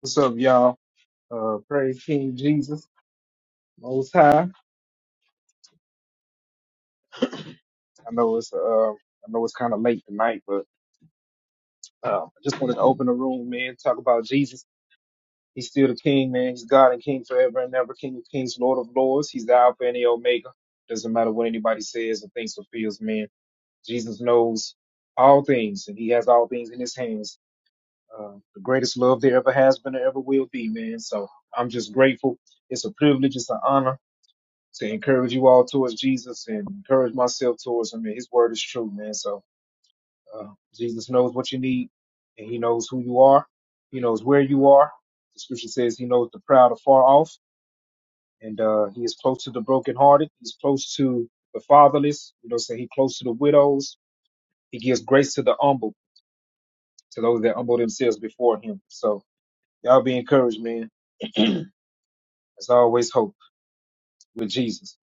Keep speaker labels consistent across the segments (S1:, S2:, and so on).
S1: What's up, y'all? Uh, praise King Jesus Most High. I know it's uh, I know it's kind of late tonight, but uh, I just wanted to open the room, man. Talk about Jesus. He's still the King, man. He's God and King forever and ever. King of Kings, Lord of Lords. He's the Alpha and the Omega. Doesn't matter what anybody says or thinks or feels, man. Jesus knows all things, and He has all things in His hands. Uh, the greatest love there ever has been or ever will be, man. So I'm just grateful. It's a privilege. It's an honor to encourage you all towards Jesus and encourage myself towards him. And his word is true, man. So uh, Jesus knows what you need and he knows who you are. He knows where you are. The scripture says he knows the proud are far off and uh, he is close to the brokenhearted. He's close to the fatherless. You know, say he close to the widows. He gives grace to the humble, to those that humble themselves before him. So y'all be encouraged, man. There's always hope with Jesus.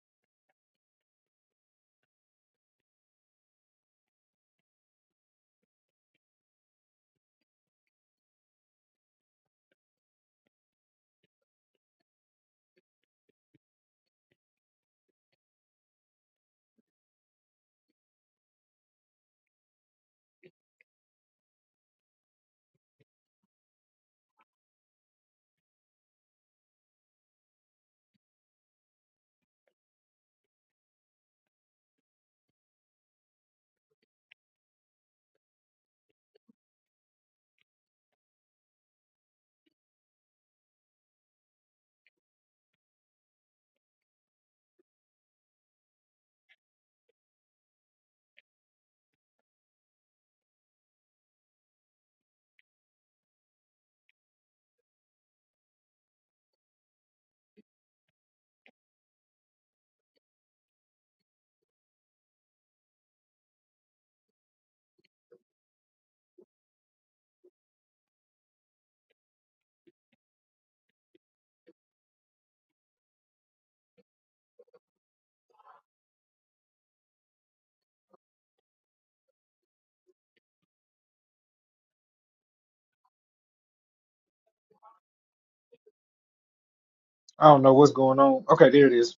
S1: I don't know what's going on. Okay, there it is.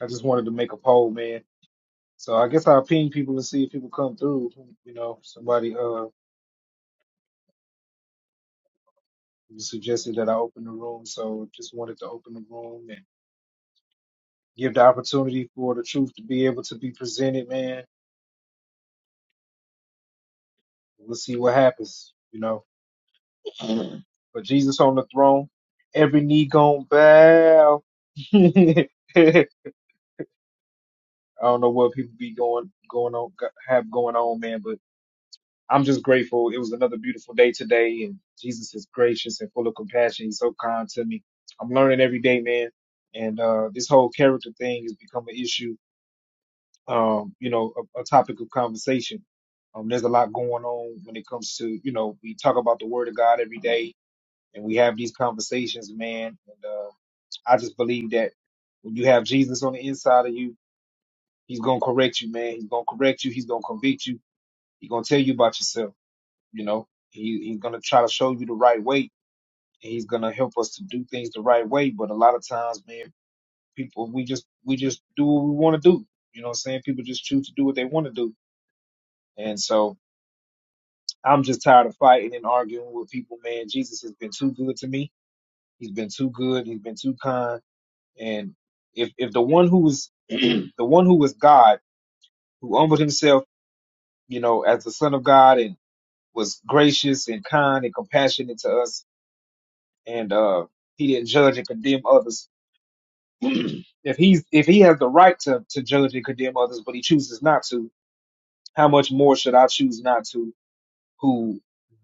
S1: I just wanted to make a poll, man So I guess I'll ping people and see if people come through. You know, somebody uh suggested that I open the room, so just wanted to open the room and give the opportunity for the truth to be able to be presented, man. We'll see what happens, you know. But Jesus on the throne, every knee gonna bow. I don't know what people be going going on have going on, man, but. I'm just grateful. It was another beautiful day today, and Jesus is gracious and full of compassion. He's so kind to me. I'm learning every day, man. And uh, this whole character thing has become an issue, um, you know, a, a topic of conversation. Um, there's a lot going on when it comes to, you know, we talk about the Word of God every day, and we have these conversations, man. And uh, I just believe that when you have Jesus on the inside of you, He's gonna correct you, man. He's gonna correct you. He's gonna convict you. He's gonna tell you about yourself. You know, he, he's going to try to show you the right way. He's going to help us to do things the right way. But a lot of times, man, people, we just, we just do what we want to do. You know what I'm saying? People just choose to do what they want to do. And so I'm just tired of fighting and arguing with people, man. Jesus has been too good to me. He's been too good. He's been too kind. And if, if the one who was, the one who was God, who humbled himself, you know, as the son of God and was gracious and kind and compassionate to us and uh, he didn't judge and condemn others. if he's if he has the right to to judge and condemn others, but he chooses not to, how much more should I choose not to? Who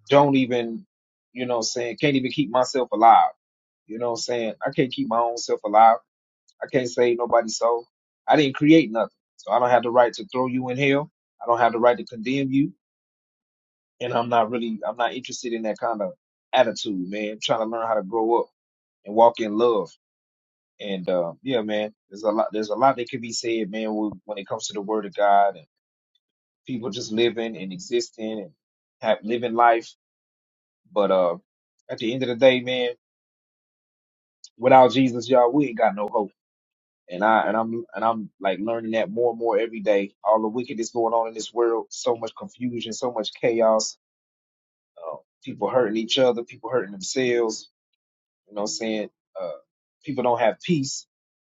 S1: don't even, you know, what I'm saying can't even keep myself alive. You know, what I'm saying I can't keep my own self alive. I can't save nobody's soul. I didn't create nothing, so I don't have the right to throw you in hell. I don't have the right to condemn you, and I'm not really I'm not interested in that kind of attitude, man. I'm trying to learn how to grow up and walk in love And uh, yeah, man, there's a lot. There's a lot that can be said, man, when when it comes to the Word of God and people just living and existing and have living life. But uh, at the end of the day, man, without Jesus, y'all, we ain't got no hope. And I and I'm and I'm like learning that more and more every day. All the wickedness going on in this world, so much confusion, so much chaos. Uh, people hurting each other, people hurting themselves. You know, what I'm saying uh, people don't have peace,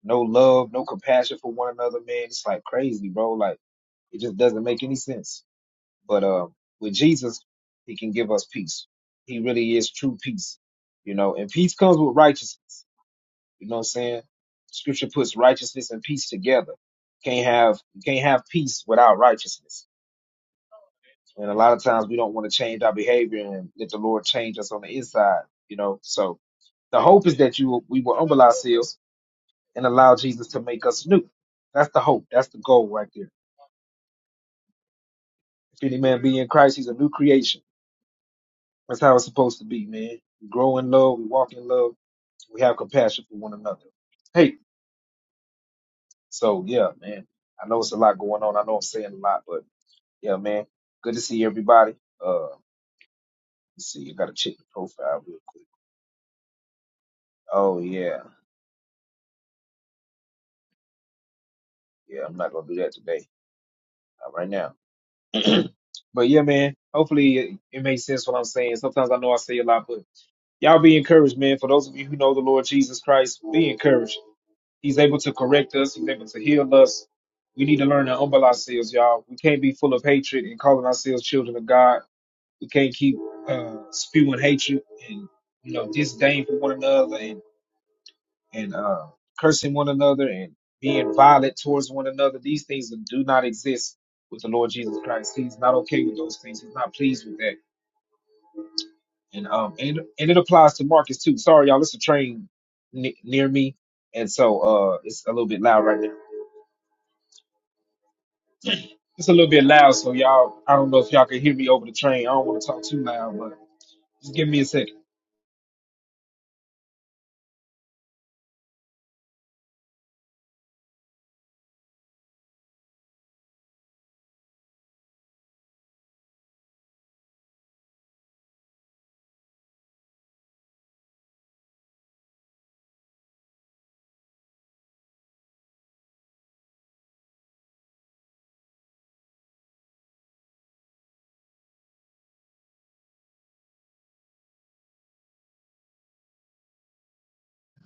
S1: no love, no compassion for one another, man. It's like crazy, bro. Like It just doesn't make any sense. But uh, with Jesus, he can give us peace. He really is true peace, you know, and peace comes with righteousness. You know what I'm saying? Scripture puts righteousness and peace together. Can't have you can't have peace without righteousness. And a lot of times we don't want to change our behavior and let the Lord change us on the inside, you know. So the hope is that you will, we will humble ourselves and allow Jesus to make us new. That's the hope. That's the goal right there. If any man be in Christ, he's a new creation That's how it's supposed to be, man. We grow in love, we walk in love, we have compassion for one another. Hey, so yeah, man. I know it's a lot going on. I know I'm saying a lot, but yeah, man. Good to see everybody. Uh, let's see. You gotta check the profile real quick. Oh yeah, yeah. I'm not gonna do that today, not right now. but yeah, man. Hopefully it, it makes sense what I'm saying. Sometimes I know I say a lot, but y'all be encouraged, man. For those of you who know the Lord Jesus Christ, be encouraged. He's able to correct us. He's able to heal us. We need to learn to humble ourselves, y'all. We can't be full of hatred and calling ourselves children of God. We can't keep uh, spewing hatred and you know disdain for one another and and uh, cursing one another and being violent towards one another. These things do not exist with the Lord Jesus Christ. He's not okay with those things. He's not pleased with that. And um and and it applies to Marcus too. Sorry, y'all. It's a train ne near me, and so uh it's a little bit loud right now It's a little bit loud, so y'all, I don't know if y'all can hear me over the train. I don't want to talk too loud, but just give me a second.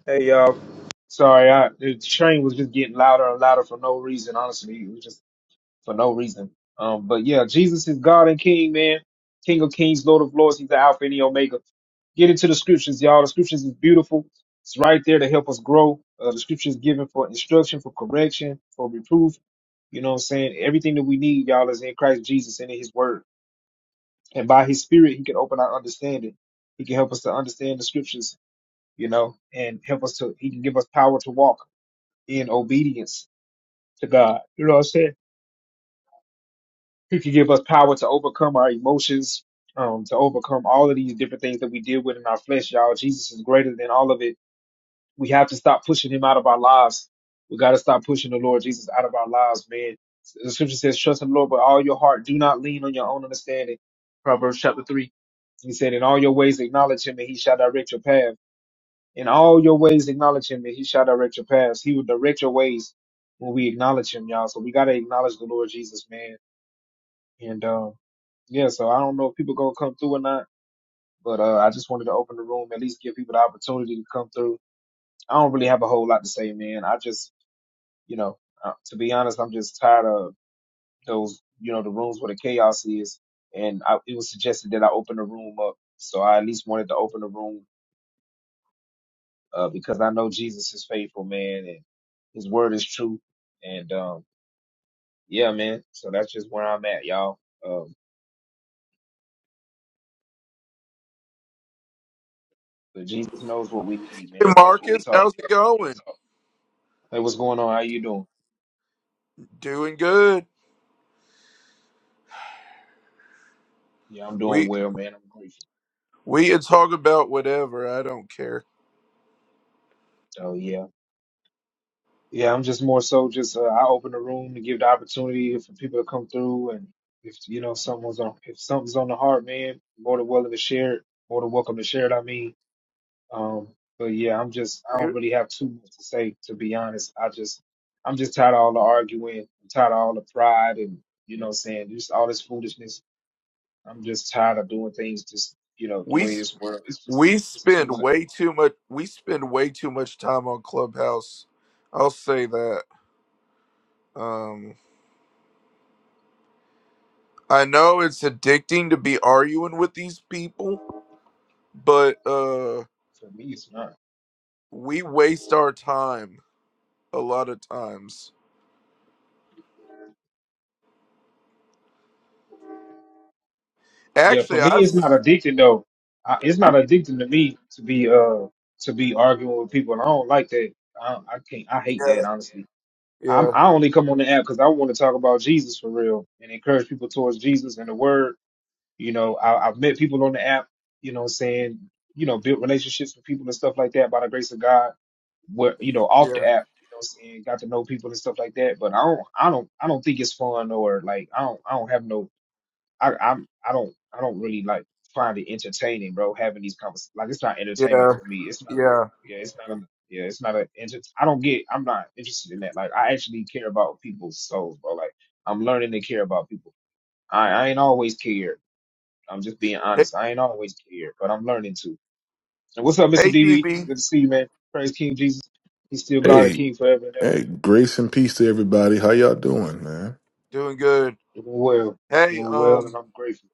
S1: Hey, y'all. Sorry, I, the train was just getting louder and louder for no reason. Honestly, it was just for no reason. Um, but yeah, Jesus is God and King, man. King of Kings, Lord of Lords. He's the Alpha and the Omega. Get into the scriptures, y'all. The scriptures is beautiful. It's right there to help us grow. Uh, the scriptures given for instruction, for correction, for reproof. You know what I'm saying? Everything that we need, y'all, is in Christ Jesus and in His Word. and by his spirit he can open our understanding he can help us to understand the scriptures you know and help us to he can give us power to walk in obedience to god you know what i'm saying he can give us power to overcome our emotions um to overcome all of these different things that we deal with in our flesh y'all jesus is greater than all of it we have to stop pushing him out of our lives. We got to stop pushing the Lord Jesus out of our lives, man. The scripture says, trust in the Lord with all your heart. Do not lean on your own understanding. Proverbs chapter three. He said, in all your ways acknowledge him and he shall direct your path. In all your ways acknowledge him and he shall direct your paths. He will direct your ways when we acknowledge him, y'all. So we got to acknowledge the Lord Jesus, man. And, um, yeah, so I don't know if people gonna come through or not, but, uh, I just wanted to open the room, at least give people the opportunity to come through I don't really have a whole lot to say, man. I just, you know, uh, to be honest, I'm just tired of those, you know, the rooms where the chaos is. And I, it was suggested that I open the room up. So I at least wanted to open the room uh, because I know Jesus is faithful, man, and his word is true. And um, yeah, man. So that's just where I'm at, y'all. Um, but Jesus knows what we need,
S2: Hey
S1: man. Real
S2: Marcus,
S1: talk.
S2: how's it going?
S1: Hey, what's going on? How you doing?
S2: Doing good.
S1: Yeah, I'm doing
S2: We
S1: well, man. I'm grateful.
S2: we can talk about whatever. I don't care.
S1: So yeah. Yeah, I'm just more so just uh, I open the room to give the opportunity for people to come through, and if you know someone's on if something's on the heart, man, more than willing to share it, more than welcome to share it. I mean, um, but yeah, I'm just I don't really have too much to say to be honest. I just I'm just tired of all the arguing, I'm tired of all the pride, and you know, what I'm saying just all this foolishness. I'm just tired of doing things just you know the
S2: We
S1: way this world. It's just
S2: we
S1: it's too
S2: spend
S1: much
S2: way too much. We spend way too much time on Clubhouse. I'll say that. Um, I know it's addicting to be arguing with these people, but uh,
S1: for me. It's not.
S2: we waste our time a lot of times.
S1: Yeah,
S2: Actually,
S1: for me,
S2: I've
S1: it's not addicting though. I, it's not addicting to me to be uh to be arguing with people, and I don't like that. I, I can't. I hate
S2: yeah
S1: that honestly. I'm
S2: yeah
S1: I only come on the app because I want to talk about Jesus for real and encourage people towards Jesus and the Word. You know, I, I've met people on the app. You know, what I'm saying you know, built relationships with people and stuff like that by the grace of God. Where you know, off the
S2: yeah
S1: app, you know, what I'm saying got to know people and stuff like that. But I don't, I don't, I don't think it's fun or like I don't, I don't have no I I'm I don't I don't really like find it entertaining, bro. Having these conversations like it's not
S2: yeah
S1: entertainment for me. It's not
S2: yeah.
S1: a, yeah, it's not a yeah, it's not a enter- I don't get I'm not interested in that. Like I actually care about people's souls, bro. Like I'm learning to care about people. I I ain't always cared. I'm just being
S2: Hey
S1: honest. I ain't always cared, but I'm learning to. And what's up, Mr.
S2: hey
S1: DB? It's
S2: DB,
S1: good to see you, man. Praise King Jesus. He's still God and
S3: Hey,
S1: King forever and ever.
S3: hey, grace and peace to everybody. How y'all doing, man?
S2: doing good.
S1: Doing well,
S2: Hey,
S1: doing well, and
S2: um,
S1: I'm grateful.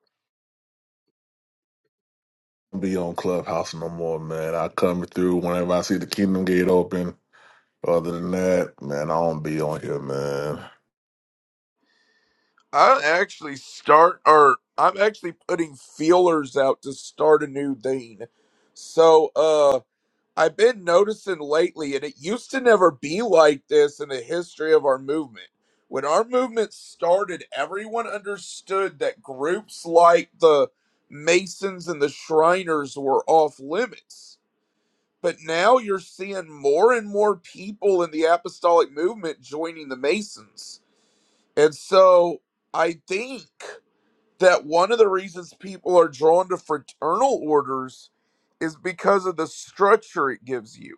S3: Be on Clubhouse no more, man. I come through whenever I see the Kingdom Gate open. Other than that, man, I don't be on here, man.
S2: I actually start or I'm actually putting feelers out to start a new thing. So, uh, I've been noticing lately, and it used to never be like this in the history of our movement. When our movement started, everyone understood that groups like the Masons and the Shriners were off limits. But now you're seeing more and more people in the apostolic movement joining the Masons. And so I think that one of the reasons people are drawn to fraternal orders is because of the structure it gives you,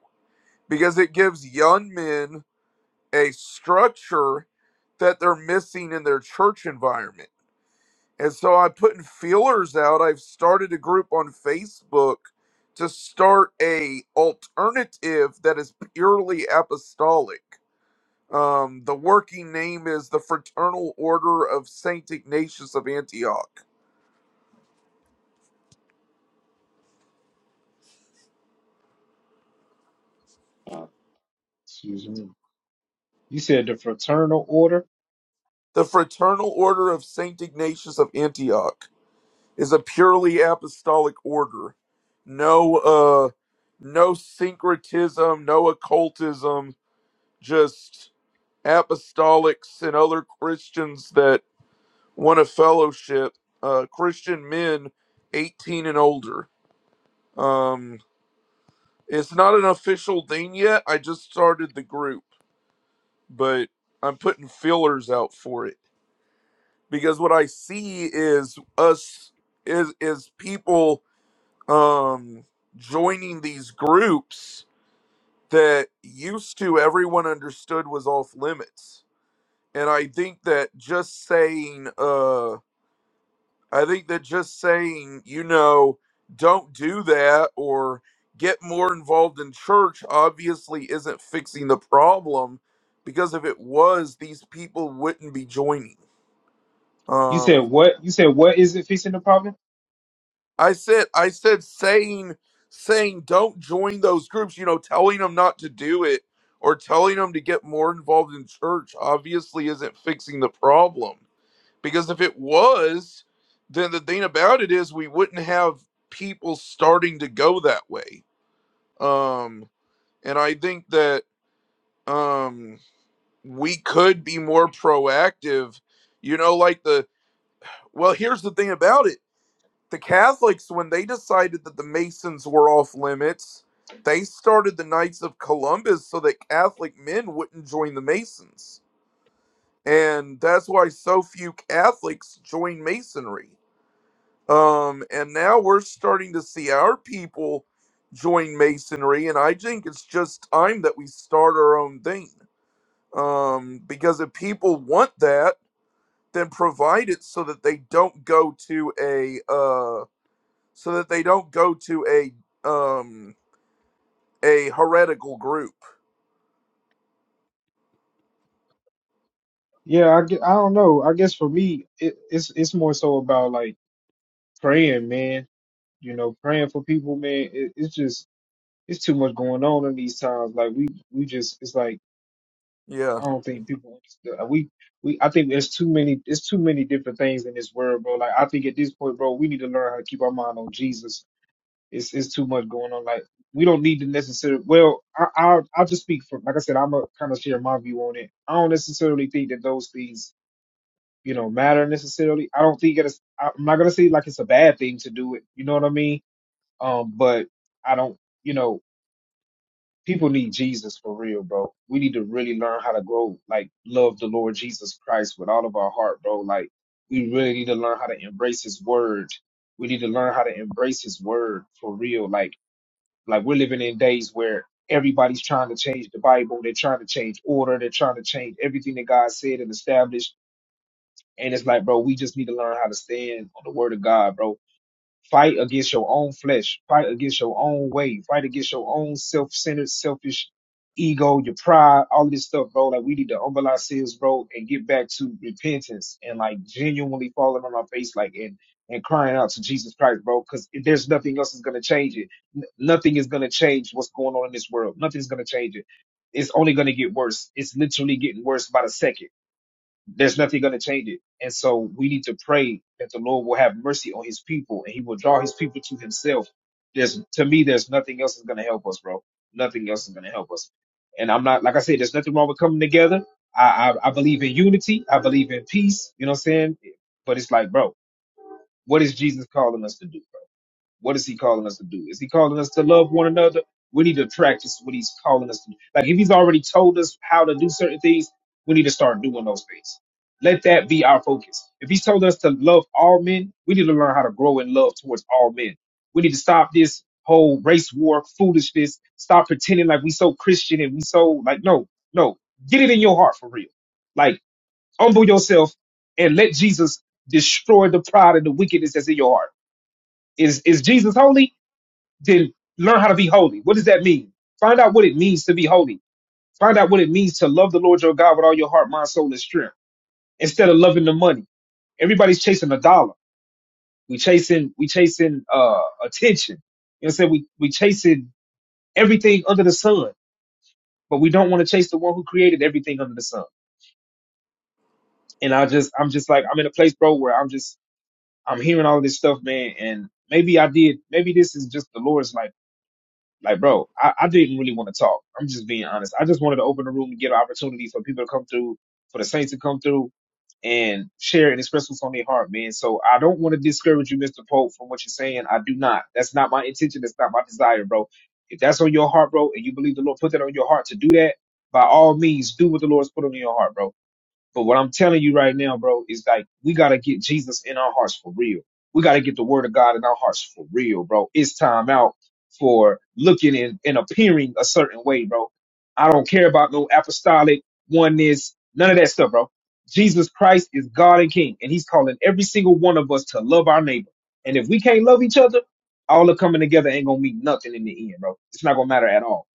S2: because it gives young men a structure that they're missing in their church environment. And so I'm putting feelers out. I've started a group on Facebook to start a alternative that is purely apostolic um, the working name is the Fraternal Order of Saint Ignatius of Antioch.
S1: Uh, excuse me. You said the fraternal order.
S2: The Fraternal Order of Saint Ignatius of Antioch is a purely apostolic order. No, uh, no syncretism, no occultism, just apostolics and other Christians that want a fellowship, uh, Christian men 18 and older. Um, it's not an official thing yet. I just started the group but I'm putting fillers out for it because what I see is us is is people um joining these groups that used to everyone understood was off limits. And I think that just saying uh I think that just saying, you know, don't do that or get more involved in church obviously isn't fixing the problem because if it was these people wouldn't be joining
S1: You said
S2: Um,
S1: what? You said what is it fixing the problem?
S2: I said, I said, saying, saying, don't join those groups. You know, telling them not to do it or telling them to get more involved in church obviously isn't fixing the problem. Because if it was, then the thing about it is we wouldn't have people starting to go that way. Um, and I think that um we could be more proactive. You know, like the well, here's the thing about it the Catholics, when they decided that the Masons were off limits, they started the Knights of Columbus so that Catholic men wouldn't join the Masons. And that's why so few Catholics join Masonry. Um, and now we're starting to see our people join Masonry, and I think it's just time that we start our own thing. Um, because if people want that, then provide it so that they don't go to a uh so that they don't go to a um a heretical group.
S1: Yeah, I, gue- I don't know. I guess for me, it, it's it's more so about like praying, man. You know, praying for people, man. It, it's just it's too much going on in these times. Like we we just it's like
S2: Yeah,
S1: I don't think people understand. we we I think there's too many it's too many different things in this world, bro. Like I think at this point, bro, we need to learn how to keep our mind on Jesus It's it's too much going on. Like we don't need to necessarily. Well, I, I'll I'll just speak for like I said. I'm gonna kind of share my view on it. I don't necessarily think that those things you know matter necessarily. I don't think it's. I'm not gonna say like it's a bad thing to do it. You know what I mean? Um, but I don't. You know, people need Jesus for real, bro. We need to really learn how to grow like love the Lord Jesus Christ with all of our heart, bro. Like we really need to learn how to embrace His Word. We need to learn how to embrace His Word for real, like like we're living in days where everybody's trying to change the Bible, they're trying to change order, they're trying to change everything that God said and established. And it's like, bro, we just need to learn how to stand on the word of God, bro Fight against your own flesh. Fight against your own way. Fight against your own self-centered, selfish ego, your pride, all of this stuff, bro. Like we need to humble ourselves, bro, and get back to repentance and like genuinely falling on our face, like and and crying out to Jesus Christ, bro. Because there's nothing else is gonna change it. N- nothing is gonna change what's going on in this world. Nothing's gonna change it. It's only gonna get worse. It's literally getting worse by the second there's nothing going to change it. And so we need to pray that the Lord will have mercy on his people and he will draw his people to himself. There's, to me, there's nothing else that's going to help us, bro. Nothing else is going to help us. And I'm not, like I said, there's nothing wrong with coming together. I, I, I believe in unity. I believe in peace. You know what I'm saying? But it's like, bro, what is Jesus calling us to do? What is he calling us to do? Is he calling us to love one another? We need to practice what he's calling us to do. Like if he's already told us how to do certain things, we need to start doing those things. Let that be our focus. If he's told us to love all men, we need to learn how to grow in love towards all men. We need to stop this whole race war foolishness. Stop pretending like we so Christian and we so like no, no. Get it in your heart for real. Like humble yourself and let Jesus destroy the pride and the wickedness that's in your heart. Is is Jesus holy? then learn how to be holy. What does that mean? Find out what it means to be holy. Find out what it means to love the Lord your God with all your heart, mind, soul, and strength instead of loving the money. Everybody's chasing a dollar. We chasing, we chasing, uh, attention. You know what I'm saying? We, we chasing everything under the sun, but we don't want to chase the one who created everything under the sun. And I just, I'm just like, I'm in a place, bro, where I'm just, I'm hearing all this stuff, man. And maybe I did, maybe this is just the Lord's like Like, bro, I, I didn't really want to talk. I'm just being honest. I just wanted to open the room and get an opportunity for people to come through, for the saints to come through and share and express what's on their heart, man. So I don't want to discourage you, Mr. Pope, from what you're saying. I do not. That's not my intention. That's not my desire, bro. If that's on your heart, bro, and you believe the Lord put that on your heart to do that, by all means, do what the Lord's put on your heart, bro. But what I'm telling you right now, bro, is like we gotta get Jesus in our hearts for real. We gotta get the word of God in our hearts for real, bro. It's time out for looking and, and appearing a certain way, bro. I don't care about no apostolic oneness, none of that stuff, bro. Jesus Christ is God and King, and He's calling every single one of us to love our neighbor. And if we can't love each other, all the coming together ain't gonna mean nothing in the end, bro. It's not gonna matter at all,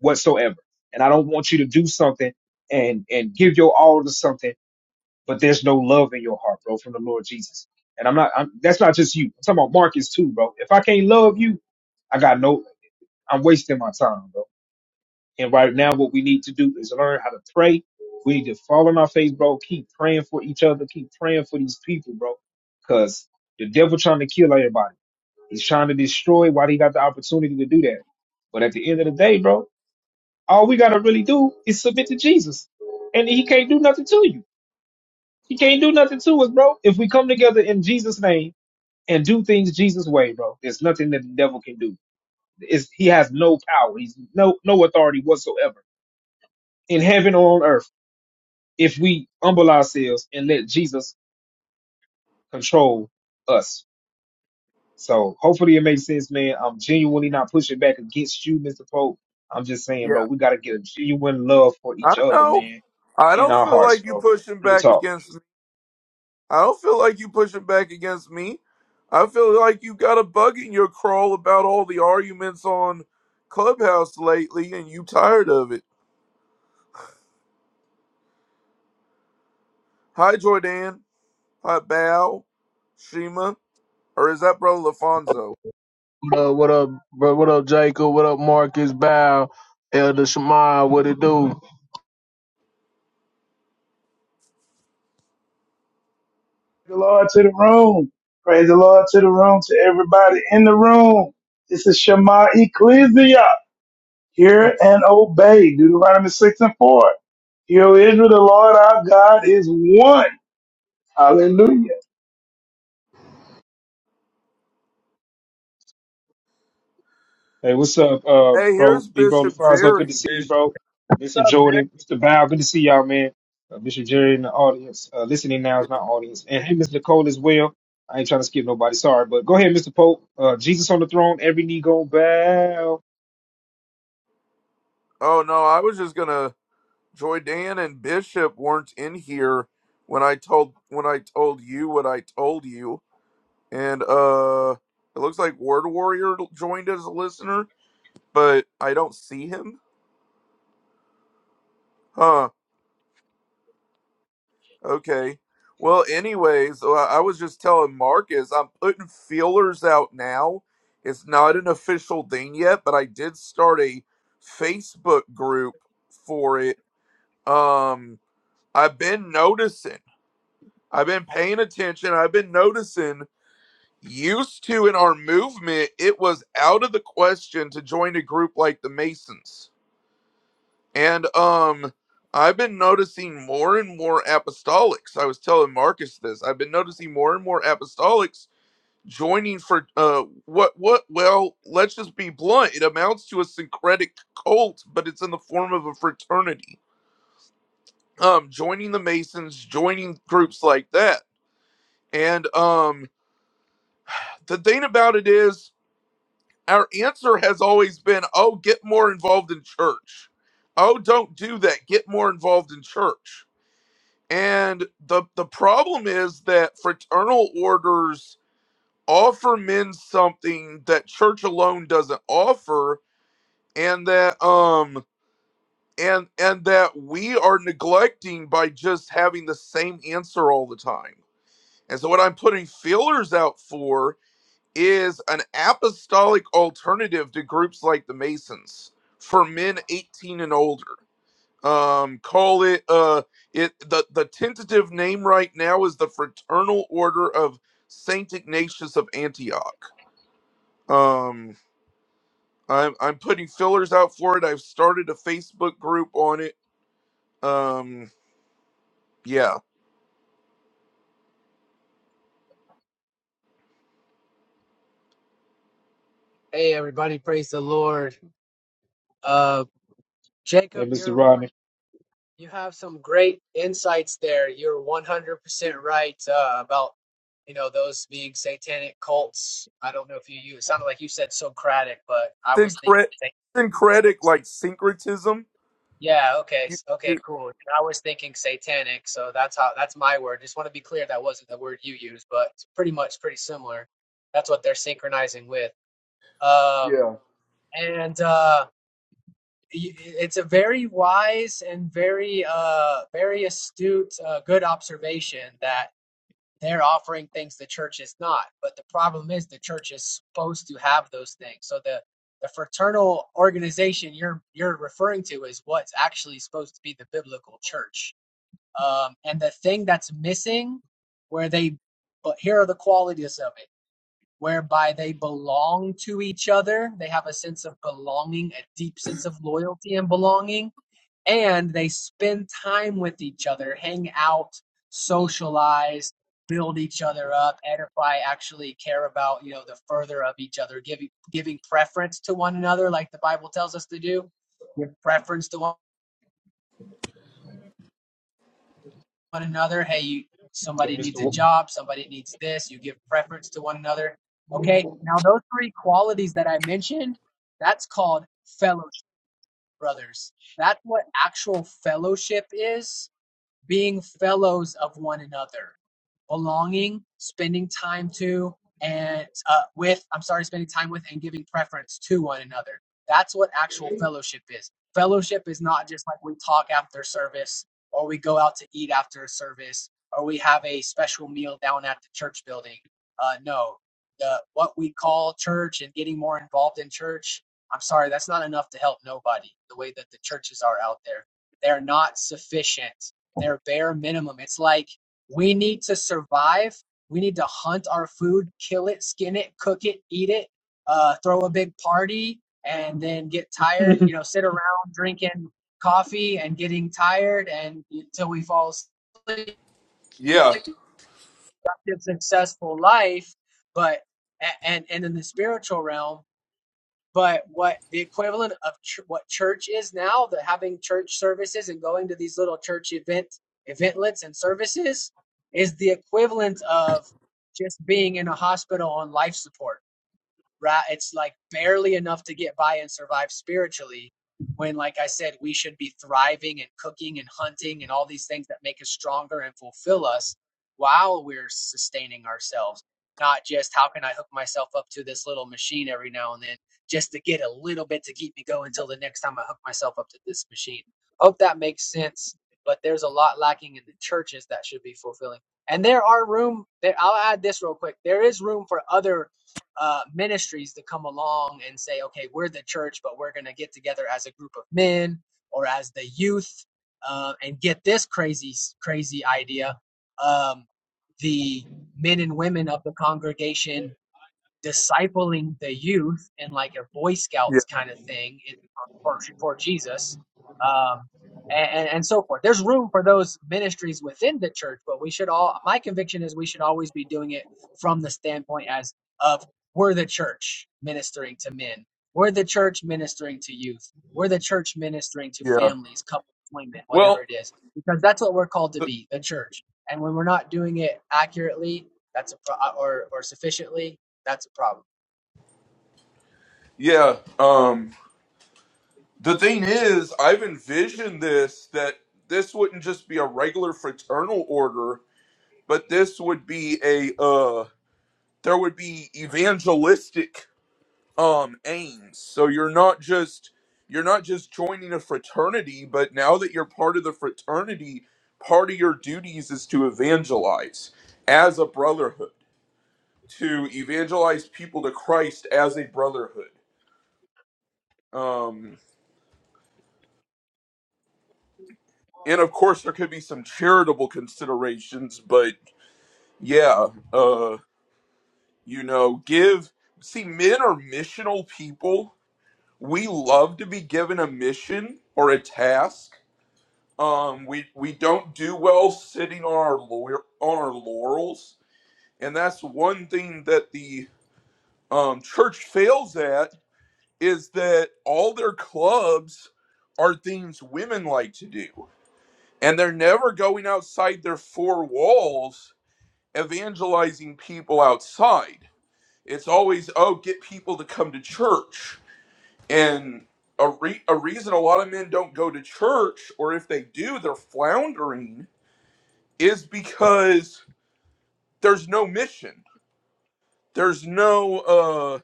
S1: whatsoever. And I don't want you to do something and and give your all to something but there's no love in your heart, bro, from the Lord Jesus. And I'm not, I'm, that's not just you. I'm talking about Marcus too, bro. If I can't love you, I got no, I'm wasting my time, bro. And right now, what we need to do is learn how to pray. We need to fall on our face, bro. Keep praying for each other. Keep praying for these people, bro. Cause the devil trying to kill everybody. He's trying to destroy while he got the opportunity to do that. But at the end of the day, bro, all we got to really do is submit to Jesus and he can't do nothing to you. He can't do nothing to us, bro. If we come together in Jesus' name and do things Jesus' way, bro, there's nothing that the devil can do. It's, he has no power. He's no no authority whatsoever in heaven or on earth if we humble ourselves and let Jesus control us. So hopefully it makes sense, man. I'm genuinely not pushing back against you, Mr. Pope. I'm just saying, bro,
S2: yeah.
S1: we gotta get a genuine love for
S2: I
S1: each other,
S2: know.
S1: man,
S2: I
S1: in
S2: don't
S1: our
S2: feel
S1: hearts,
S2: like you
S1: bro.
S2: pushing
S1: Real
S2: back
S1: talk.
S2: against me. I don't feel like you pushing back against me. I feel like you got a bug in your crawl about all the arguments on Clubhouse lately, and you tired of it. Hi, Jordan. Hi, Bao, Shima, or is that Brother Lafonso?
S4: But what up, bro? What up, Jacob? What up, Marcus? Bow, Elder Shemai, what it do?
S5: the Lord to the room. Praise the Lord to the room, to everybody in the room. This is Shema Ecclesia. Hear and obey. Deuteronomy 6 and 4. Hear, O Israel, the Lord our God is one. Hallelujah.
S1: Hey, what's up, uh,
S2: Hey,
S1: bro?
S2: here's
S1: D bro
S2: Bishop
S1: so good to
S2: Jerry.
S1: see you,
S6: There's
S1: bro. Mr.
S6: stuff there.
S1: Jordan, Mr. Val, good to see y'all, man. Uh, Mr. Jerry in the audience, uh, listening now is my audience, and hey, Miss Nicole as well. I ain't trying to skip nobody, sorry, but go ahead, Mr. Pope. Uh, Jesus on the throne, every knee gonna bow,
S2: Oh no, I was just gonna Joy Dan and Bishop weren't in here when I told when I told you what I told you. And uh it looks like Word Warrior joined as a listener, but I don't see him. Huh. Okay. Well, anyways, uh, I was just telling Marcus I'm putting feelers out now. It's not an official thing yet, but I did start a Facebook group for it. Um I've been noticing I've been paying attention. I've been noticing Used to in our movement, it was out of the question to join a group like the Masons. And um I've been noticing more and more apostolics. I was telling Marcus this. I've been noticing more and more apostolics joining for uh what what well, let's just be blunt. It amounts to a syncretic cult, but it's in the form of a fraternity. Um joining the Masons, joining groups like that. And um the thing about it is our answer has always been, oh, get more involved in church. Oh, don't do that. Get more involved in church. And the the problem is that fraternal orders offer men something that church alone doesn't offer, and that um and and that we are neglecting by just having the same answer all the time. And so what I'm putting feelers out for is an apostolic alternative to groups like the Masons for men 18 and older. Um, call it uh, it the the tentative name right now is the Fraternal Order of Saint Ignatius of Antioch. Um, I'm I'm putting fillers out for it. I've started a Facebook group on it. Um, yeah,
S7: Hey everybody, praise the Lord. Uh Jacob,
S1: and Mr.
S7: you're
S1: Rodney,
S7: you have some great insights there. You're 100% right uh about you know those being satanic cults. I don't know if you you it sounded like you said Socratic, but I was thinking
S2: Syncret-
S7: sa-
S2: syncretic like syncretism.
S7: yeah, okay.
S2: You,
S7: s- Okay,
S2: you,
S7: cool. I was thinking satanic, so that's how that's my word. Just want to be clear that wasn't the word you used, but it's pretty much pretty similar. That's what they're synchronizing with. Um
S2: yeah,
S7: and uh it's a very wise and very uh very astute uh, good observation that they're offering things the church is not but the problem is the church is supposed to have those things so the the fraternal organization you're you're referring to is what's actually supposed to be the biblical church um and the thing that's missing where they but here are the qualities of it whereby they belong to each other they have a sense of belonging a deep sense of loyalty and belonging and they spend time with each other, hang out, socialize, build each other up, edify, actually care about, you know, the further of each other, giving giving preference to one another, like the Bible tells us to do. Give preference to one another. Hey, you
S1: and
S7: somebody needs
S1: Mr.
S7: a job, somebody needs this, you give preference to one another. Okay. Now those three qualities that I mentioned, that's called fellowship, brothers. That's what actual fellowship is being fellows of one another, belonging, spending time to and uh, with, I'm sorry, spending time with and giving preference to one another. That's what actual fellowship is. Fellowship is not just like we talk after service or we go out to eat after a service or we have a special meal down at the church building. Uh, no, the, what we call church and getting more involved in church, I'm sorry, that's not enough to help nobody the way that the churches are out there. They're not sufficient their bare minimum. It's like we need to survive. We need to hunt our food, kill it, skin it, cook it, eat it, uh, throw a big party, and then get tired.
S1: Wa-
S7: You know, sit around drinking coffee and getting tired and until we fall asleep.
S2: yeah,
S7: successful life, but and and in the spiritual realm but what the equivalent of ch- what church is now the having church services and going to these little church event eventlets and services is the equivalent of just being in a hospital on life support right? It's like barely enough to get by and survive spiritually. When, like I said, we should be thriving and cooking and hunting and all these things that make us stronger and fulfill us while we're sustaining ourselves. Not just how can I hook myself up to this little machine every now and then just to get a little bit to keep me going until the next time I hook myself up to this machine. Hope that makes sense. But there's a lot lacking in the churches that should be fulfilling. And there are room, there, I'll add this real quick. There is room for other uh, ministries to come along and say, okay, we're the church, but we're going to get together as a group of men or as the youth uh, and get this crazy, crazy idea. Um, the men and women of the congregation discipling the youth in like a Boy
S2: yeah,
S7: Scouts kind of thing in, for, for Jesus, um, and, and so forth. There's room for those ministries within the church, but we should all. My conviction is we should always be doing it from the standpoint as of we're the church ministering to men, we're the church ministering to youth, we're the church ministering to
S2: yeah.
S7: families, couples, women, whatever
S2: Well.
S7: it is, because that's what we're called to be, the church. And when we're not doing it accurately, that's a or or sufficiently that's a problem.
S2: Yeah. Um the thing is, I've envisioned this that this wouldn't just be a regular fraternal order, but this would be a uh there would be evangelistic um aims. So you're not just you're not just joining a fraternity, but now that you're part of the fraternity, part of your duties is to evangelize as a brotherhood, to evangelize people to Christ as a brotherhood. Um, and of course there could be some charitable considerations but yeah uh you know give see men are missional people we love to be given a mission or a task um we we don't do well sitting on our lawyer on our laurels and that's one thing that the um church fails at is that all their clubs are things women like to do and they're never going outside their four walls evangelizing people outside. It's always, oh, get people to come to church. And a, re- a reason a lot of men don't go to church, or if they do, they're floundering, is because there's no mission. There's no,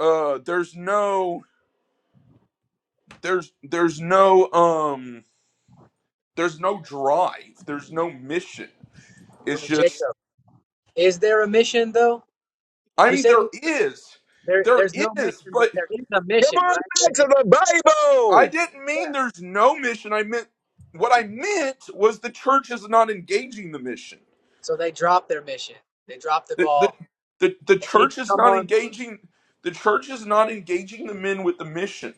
S2: uh, uh, there's no, there's, there's no, um, there's no drive. There's no mission. It's
S7: But
S2: just,
S7: Jacob, is there a mission though?
S2: I
S7: You
S2: mean,
S7: say
S2: there
S7: that
S2: is,
S7: there
S2: there
S7: there's no
S2: is,
S7: mission, but
S2: but
S7: there is a
S8: Come
S7: mission, right?
S8: on back
S7: They're
S8: to
S7: just,
S8: the
S2: I
S8: Bible.
S2: didn't mean there's no mission. I meant what I meant was the church is not engaging the mission.
S7: so they drop their mission. They drop the
S2: The the
S7: ball.
S2: the, the
S7: They need to
S2: church is
S7: come
S2: not
S7: on.
S2: engaging the church is not engaging the men with the mission.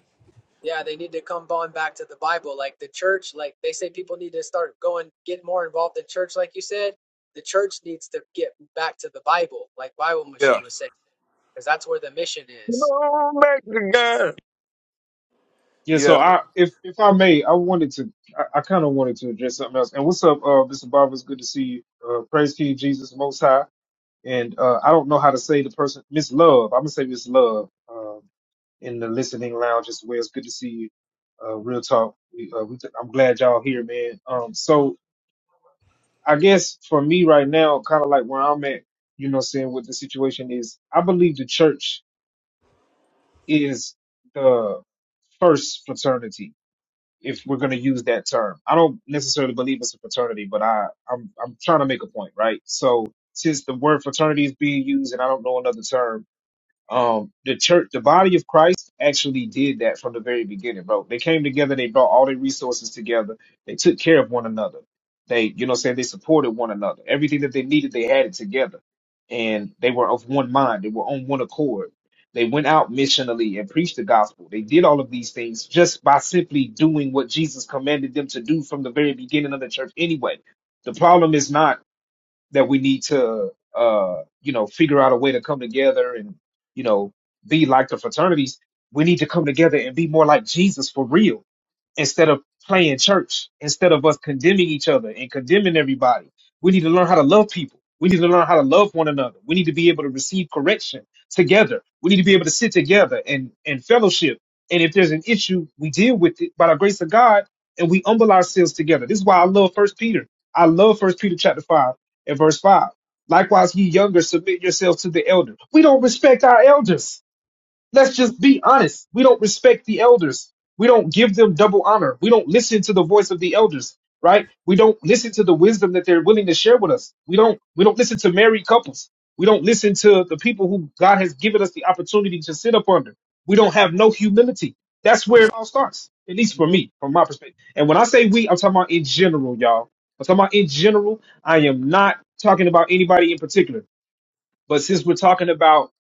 S7: Yeah, they need to come on back to the Bible, like the church. Like they say, people need to start going, get more involved in church, like you said. The church needs to get back to the Bible, like Bible
S2: Yeah.
S7: Machine was saying, because that's where the mission
S8: Come
S7: is.
S8: on back to God.
S1: yeah. So
S2: Yeah.
S1: I, if if I may, I wanted to, I, I kind of wanted to address something else. And what's up, uh, Mr. Barber? It's good to see you. Uh, praise King Jesus Most High. and uh, I don't know how to say the person, Miss Love. I'm gonna say Miss Love um, in the listening lounge as well. It's good to see you. Uh, Real talk. We, uh, we I'm glad y'all here, man. Um, so I guess for me right now, kind of like where I'm at, you know, what I'm saying what the situation is. I believe the church is the first fraternity, if we're gonna use that term. I don't necessarily believe it's a fraternity, but I I'm I'm trying to make a point, right? So since the word fraternity is being used, and I don't know another term Um, the church, the body of Christ actually did that from the very beginning, bro. They came together, they brought all their resources together, they took care of one another. They, you know what I'm saying, they supported one another. Everything that they needed, they had it together. And they were of one mind, they were on one accord. They went out missionally and preached the gospel. They did all of these things just by simply doing what Jesus commanded them to do from the very beginning of the church anyway. The problem is not that we need to uh you know figure out a way to come together and you know be like the fraternities we need to come together and be more like jesus for real instead of playing church, instead of us condemning each other and condemning everybody. We need to learn how to love people. We need to learn how to love one another. We need to be able to receive correction together. We need to be able to sit together and, and fellowship. And if there's an issue, we deal with it by the grace of God and we humble ourselves together. This is why I love First Peter. I love First Peter chapter five and verse five. Likewise, ye younger, submit yourselves to the elder. We don't respect our elders. Let's just be honest. We don't respect the elders. We don't give them double honor. We don't listen to the voice of the elders, right? We don't listen to the wisdom that they're willing to share with us. We don't we don't listen to married couples. We don't listen to the people who God has given us the opportunity to sit up under. We don't have no humility. That's where it all starts, at least
S7: And
S1: for me, from my perspective. And when I say we, I'm talking about in general, y'all. I'm talking about in general. I am not talking about anybody in particular. But since we're talking about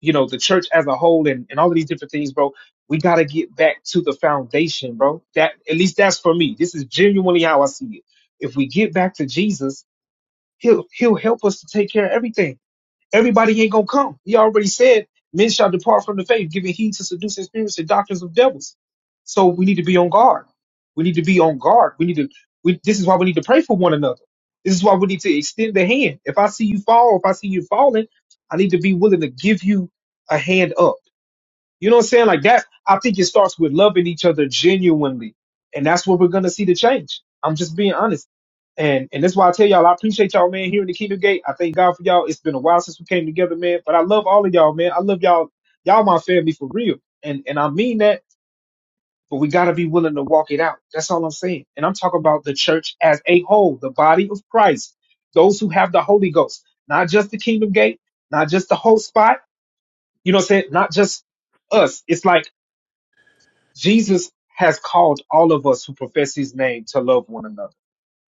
S1: you know the church as a whole and, and all of these different things bro we got to get back to the foundation bro that at least that's for me this is genuinely how i see it if we get back to jesus he'll he'll help us to take care of everything Everybody ain't gonna come. He already said men shall depart from the faith, giving heed to seducing spirits and doctrines of devils. So we need to be on guard. We need to be on guard. We need to. We, this is why we need to pray for one another. This is why we need to extend the hand. If I see you fall, if I see you falling, I need to be willing to give you a hand up. You know what I'm saying? Like that, I think it starts with loving each other genuinely. And that's what we're gonna see the change. I'm just being honest. And and that's why I tell y'all I appreciate y'all, man, here in the Kingdom Gate. I thank God for y'all. It's been a while since we came together, man. But I love all of y'all, man. I love y'all. Y'all my family for real. And and I mean that, but we gotta be willing to walk it out. That's all I'm saying. And I'm talking about the church as a whole, the body of Christ, those who have the Holy Ghost, not just the Kingdom Gate, not just the whole spot, you know what I'm saying? Not just us. It's like Jesus has called all of us who profess his name to love one another.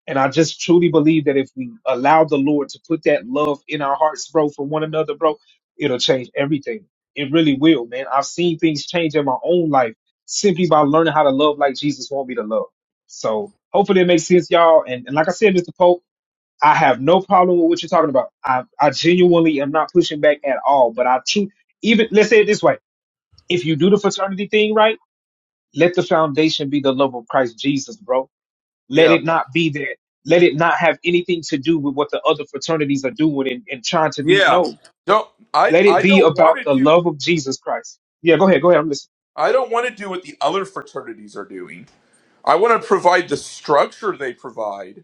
S1: And I just truly believe that if we allow the Lord to put that love in our hearts, bro, for one another, bro, it'll change everything. It really will, man. I've seen things change in my own life simply by learning how to love like Jesus wants me to love. So hopefully it makes sense, y'all. And, and like I said, Mr. Pope, I have no problem with what you're talking about. I, I genuinely am not pushing back at all. But I, tru- even let's say it this way: if you do the fraternity thing right let the foundation be the love of Christ Jesus, bro. Let
S2: Yeah.
S1: it not be that. Let it not have anything to do with what the other fraternities are doing and, and trying to be.
S2: Yeah.
S1: No,
S2: Don't I
S1: let it
S2: I
S1: be
S2: don't want
S1: about
S2: to
S1: the
S2: do
S1: love of Jesus Christ. Yeah, go ahead. Go ahead. I'm listening.
S2: I don't want to do what the other fraternities are doing. I want to provide the structure they provide,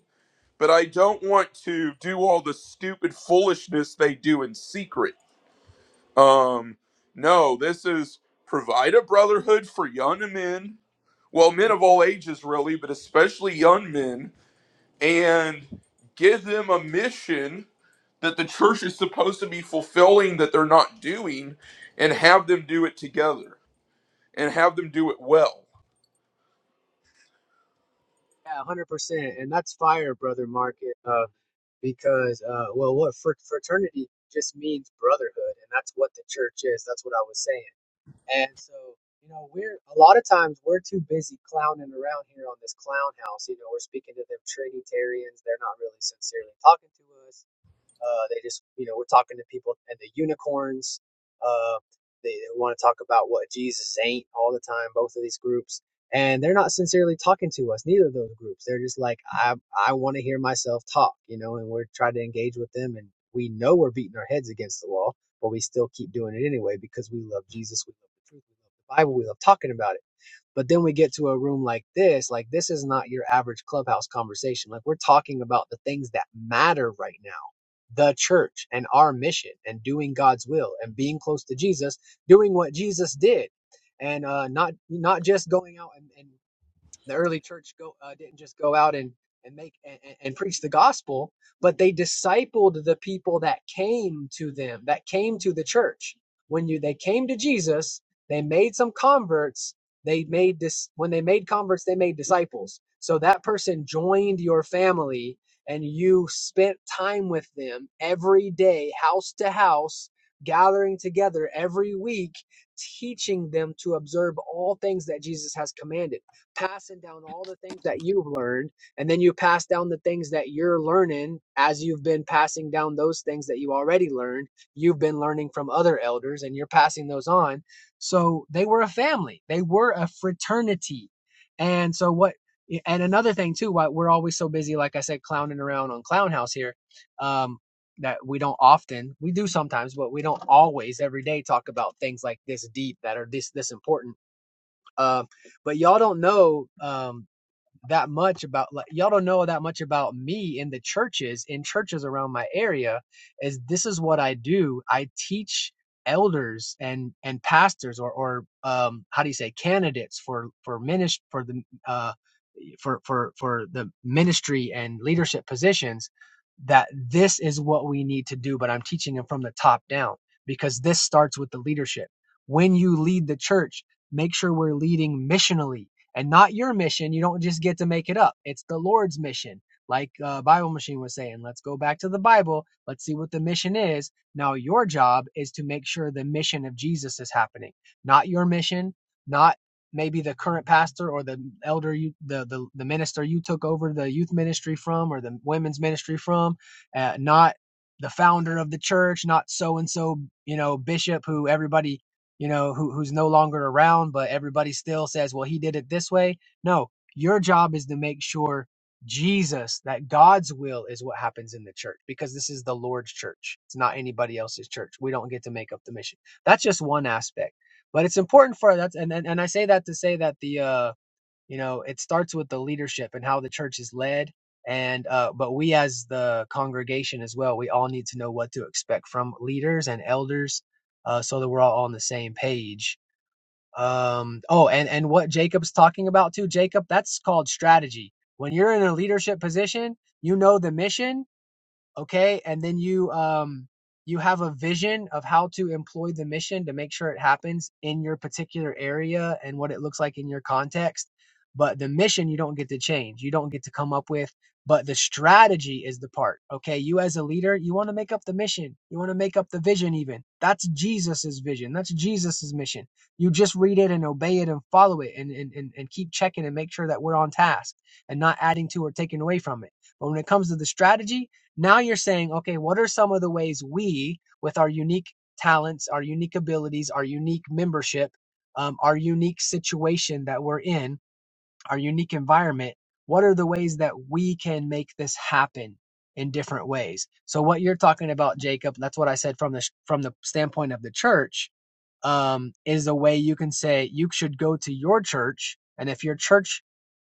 S2: but I don't want to do all the stupid foolishness they do in secret. Um, no, this is provide a brotherhood for young men, well, men of all ages, really, but especially young men, and give them a mission that the church is supposed to be fulfilling that they're not doing, and have them do it together and have them do it well.
S7: Yeah, one hundred percent, and that's fire, brother Market. Uh, because uh, well, what fr- fraternity just means brotherhood, and that's what the church is. That's what I was saying. And so, you know, we're a lot of times we're too busy clowning around here on this clown house. You know, we're speaking to them Trinitarians; they're not really sincerely talking to us. Uh, they just, you know, we're talking to people and the unicorns. Uh, they they want to talk about what Jesus ain't all the time. Both of these groups, and they're not sincerely talking to us. Neither of those groups. They're just like, I, I want to hear myself talk, you know. And we're trying to engage with them, and we know we're beating our heads against the wall, but we still keep doing it anyway because we love Jesus, we love the truth, we love the Bible, we love talking about it but then we get to a room like this, like this is not your average clubhouse conversation. Like we're talking about the things that matter right now. The church and our mission and doing God's will and being close to Jesus, doing what Jesus did and uh, not, not just going out and, and the early church go, uh, didn't just go out and and make and, and and preach the gospel, but they discipled the people that came to them, that came to the church. When you they came to Jesus, they made some converts. They made this when they made converts, they made disciples. So that person joined your family, and you spent time with them every day, house to house, gathering together every week, teaching them to observe all things that Jesus has commanded passing down all the things that you've learned, and then you pass down the things that you're learning as you've been passing down those things that you already learned. You've been learning from other elders, and you're passing those on. So they were a family, they were a fraternity. And so, what and another thing too, why we're always so busy, like I said, clowning around on Clown House here, um, that we don't often, we do sometimes, but we don't always every day talk about things like this deep that are this this important um, but y'all don't know. Um, that much about like y'all don't know that much about me in the churches in churches around my area is this is what i do i teach elders and and pastors or or um how do you say candidates for for ministry for the uh for for for the ministry and leadership positions that this is what we need to do but i'm teaching them from the top down because this starts with the leadership when you lead the church make sure we're leading missionally and not your mission. You don't just get to make it up. It's the Lord's mission. Like uh, Bible Machine was saying, let's go back to the Bible. Let's see what the mission is. Now, your job is to make sure the mission of Jesus is happening, not your mission, not maybe the current pastor or the elder you the, the the minister you took over the youth ministry from or the women's ministry from uh, not the founder of the church not so and so you know bishop who everybody you know, who, who's no longer around, but everybody still says, well, he did it this way. No, your job is to make sure Jesus, that God's will is what happens in the church because this is the Lord's church. It's not anybody else's church. We don't get to make up the mission. That's just one aspect, but it's important for that. And, and, and I say that to say that the, uh, you know it starts with the leadership and how the church is led and uh, but we as the congregation as well we all need to know what to expect from leaders and elders uh, so that we're all on the same page um, oh and and what jacob's talking about too jacob that's called strategy when you're in a leadership position you know the mission okay and then you um you have a vision of how to employ the mission to make sure it happens in your particular area and what it looks like in your context but the mission you don't get to change you don't get to come up with but the strategy is the part okay you as a leader you want to make up the mission you want to make up the vision even that's jesus's vision that's jesus's mission you just read it and obey it and follow it and, and, and, and keep checking and make sure that we're on task and not adding to or taking away from it but when it comes to the strategy now you're saying, okay, what are some of the ways we, with our unique talents, our unique abilities, our unique membership, um, our unique situation that we're in, our unique environment, what are the ways that we can make this happen in different ways? So what you're talking about, Jacob, that's what I said from the from the standpoint of the church, um, is a way you can say you should go to your church, and if your church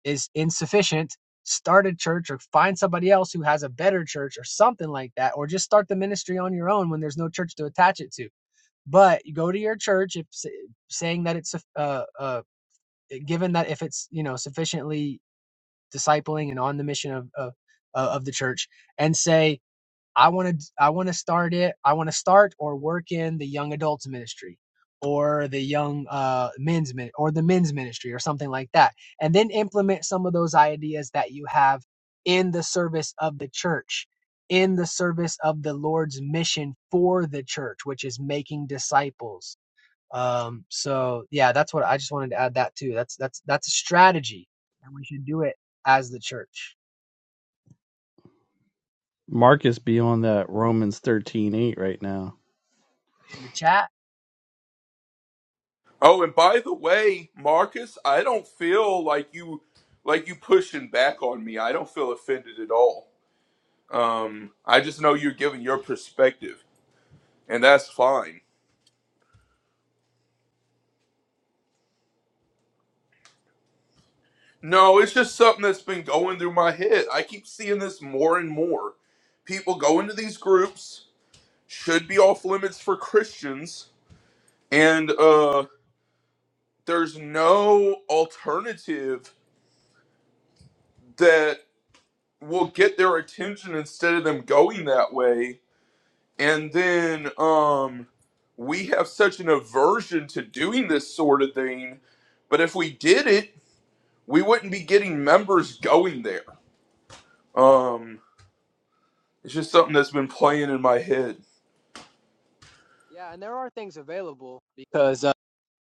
S7: is insufficient, start a church or find somebody else who has a better church or something like that, or just start the ministry on your own when there's no church to attach it to. But you go to your church if saying that it's uh, uh, given that if it's you know sufficiently discipling and on the mission of of, uh, of the church and say i want to i want to start it i want to start or work in the young adults ministry or the young uh, men's min- or the men's ministry or something like that and then implement some of those ideas that you have in the service of the church in the service of the lord's mission for the church which is making disciples um, so yeah, that's what I just wanted to add that too. That's that's that's a strategy, and we should do it as the church
S6: Marcus be on that Romans thirteen eight right now.
S7: in the chat.
S2: Oh, and by the way, Marcus, I don't feel like you like you pushing back on me. I don't feel offended at all. Um, I just know you're giving your perspective, and that's fine. No, it's just something that's been going through my head. I keep seeing this more and more. People go into these groups, should be off limits for Christians, and uh, there's no alternative that will get their attention instead of them going that way. And then um, we have such an aversion to doing this sort of thing, but if we did it, we wouldn't be getting members going there. Um, it's just something that's been playing in my head.
S7: Yeah, and there are things available because uh,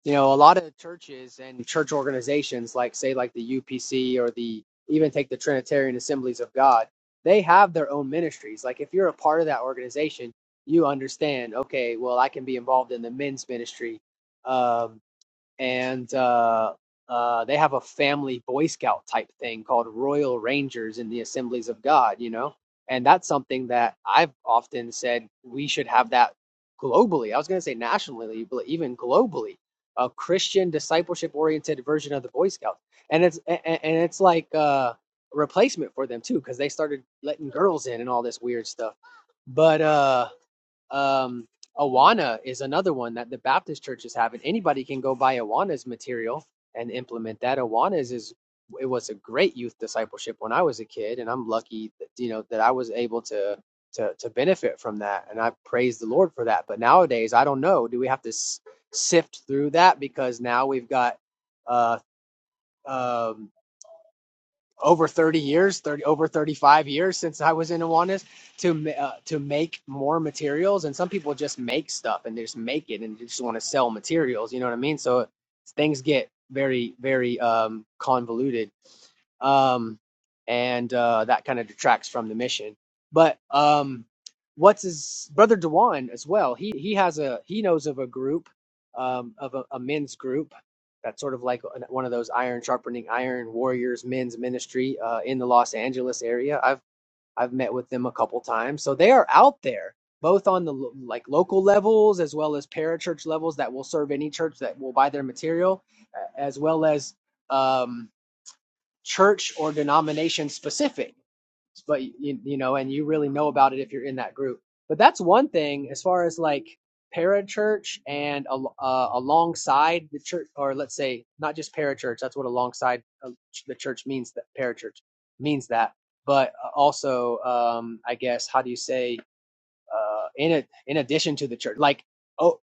S7: you know a lot of churches and church organizations, like say like the UPC or the even take the Trinitarian Assemblies of God, they have their own ministries. Like if you're a part of that organization, you understand. Okay, well I can be involved in the men's ministry. Um, and uh, uh, they have a family Boy Scout type thing called Royal Rangers in the Assemblies of God, you know? And that's something that I've often said we should have that globally. I was going to say nationally, but even globally, a Christian discipleship oriented version of the Boy Scouts. And it's a- and it's like uh, a replacement for them too, because they started letting girls in and all this weird stuff. But uh um, Awana is another one that the Baptist churches have, and anybody can go buy Awana's material and implement that. Awana's is it was a great youth discipleship when I was a kid, and I'm lucky that you know that I was able to to to benefit from that, and I praise the Lord for that. But nowadays, I don't know. Do we have to s- sift through that because now we've got uh, um over 30 years 30 over 35 years since i was in Awanas to uh, to make more materials and some people just make stuff and they just make it and they just want to sell materials you know what i mean so things get very very um convoluted um, and uh, that kind of detracts from the mission. But um, what's his brother Dewan as well? He he has a he knows of a group um, of a, a men's group that's sort of like an- one of those iron sharpening iron warriors men's ministry uh, in the Los Angeles area. I've I've met with them a couple times, so they are out there both on the lo- like local levels as well as parachurch levels that will serve any church that will buy their material a- as well as um church or denomination specific but you, you know and you really know about it if you're in that group but that's one thing as far as like parachurch and uh, alongside the church or let's say not just parachurch that's what alongside uh, the church means that parachurch means that but uh, also um i guess how do you say uh in a, in addition to the church like oh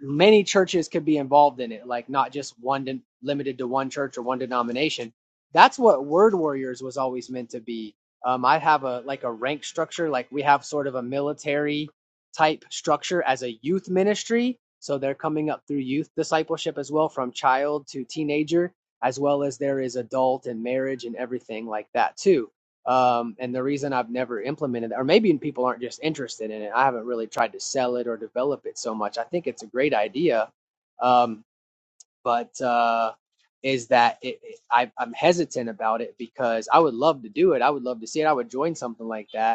S7: many churches could be involved in it, like not just one de- limited to one church or one denomination. That's what Word Warriors was always meant to be. Um, I have a like a rank structure, like we have sort of a military type structure as a youth ministry. So they're coming up through youth discipleship as well, from child to teenager, as well as there is adult and marriage and everything like that too. Um, and the reason I've never implemented, or maybe people aren't just interested in it, I haven't really tried to sell it or develop it so much. I think it's a great idea, um, but uh, is that it, it, I, I'm hesitant about it because I would love to do it. I would love to see it. I would join something like that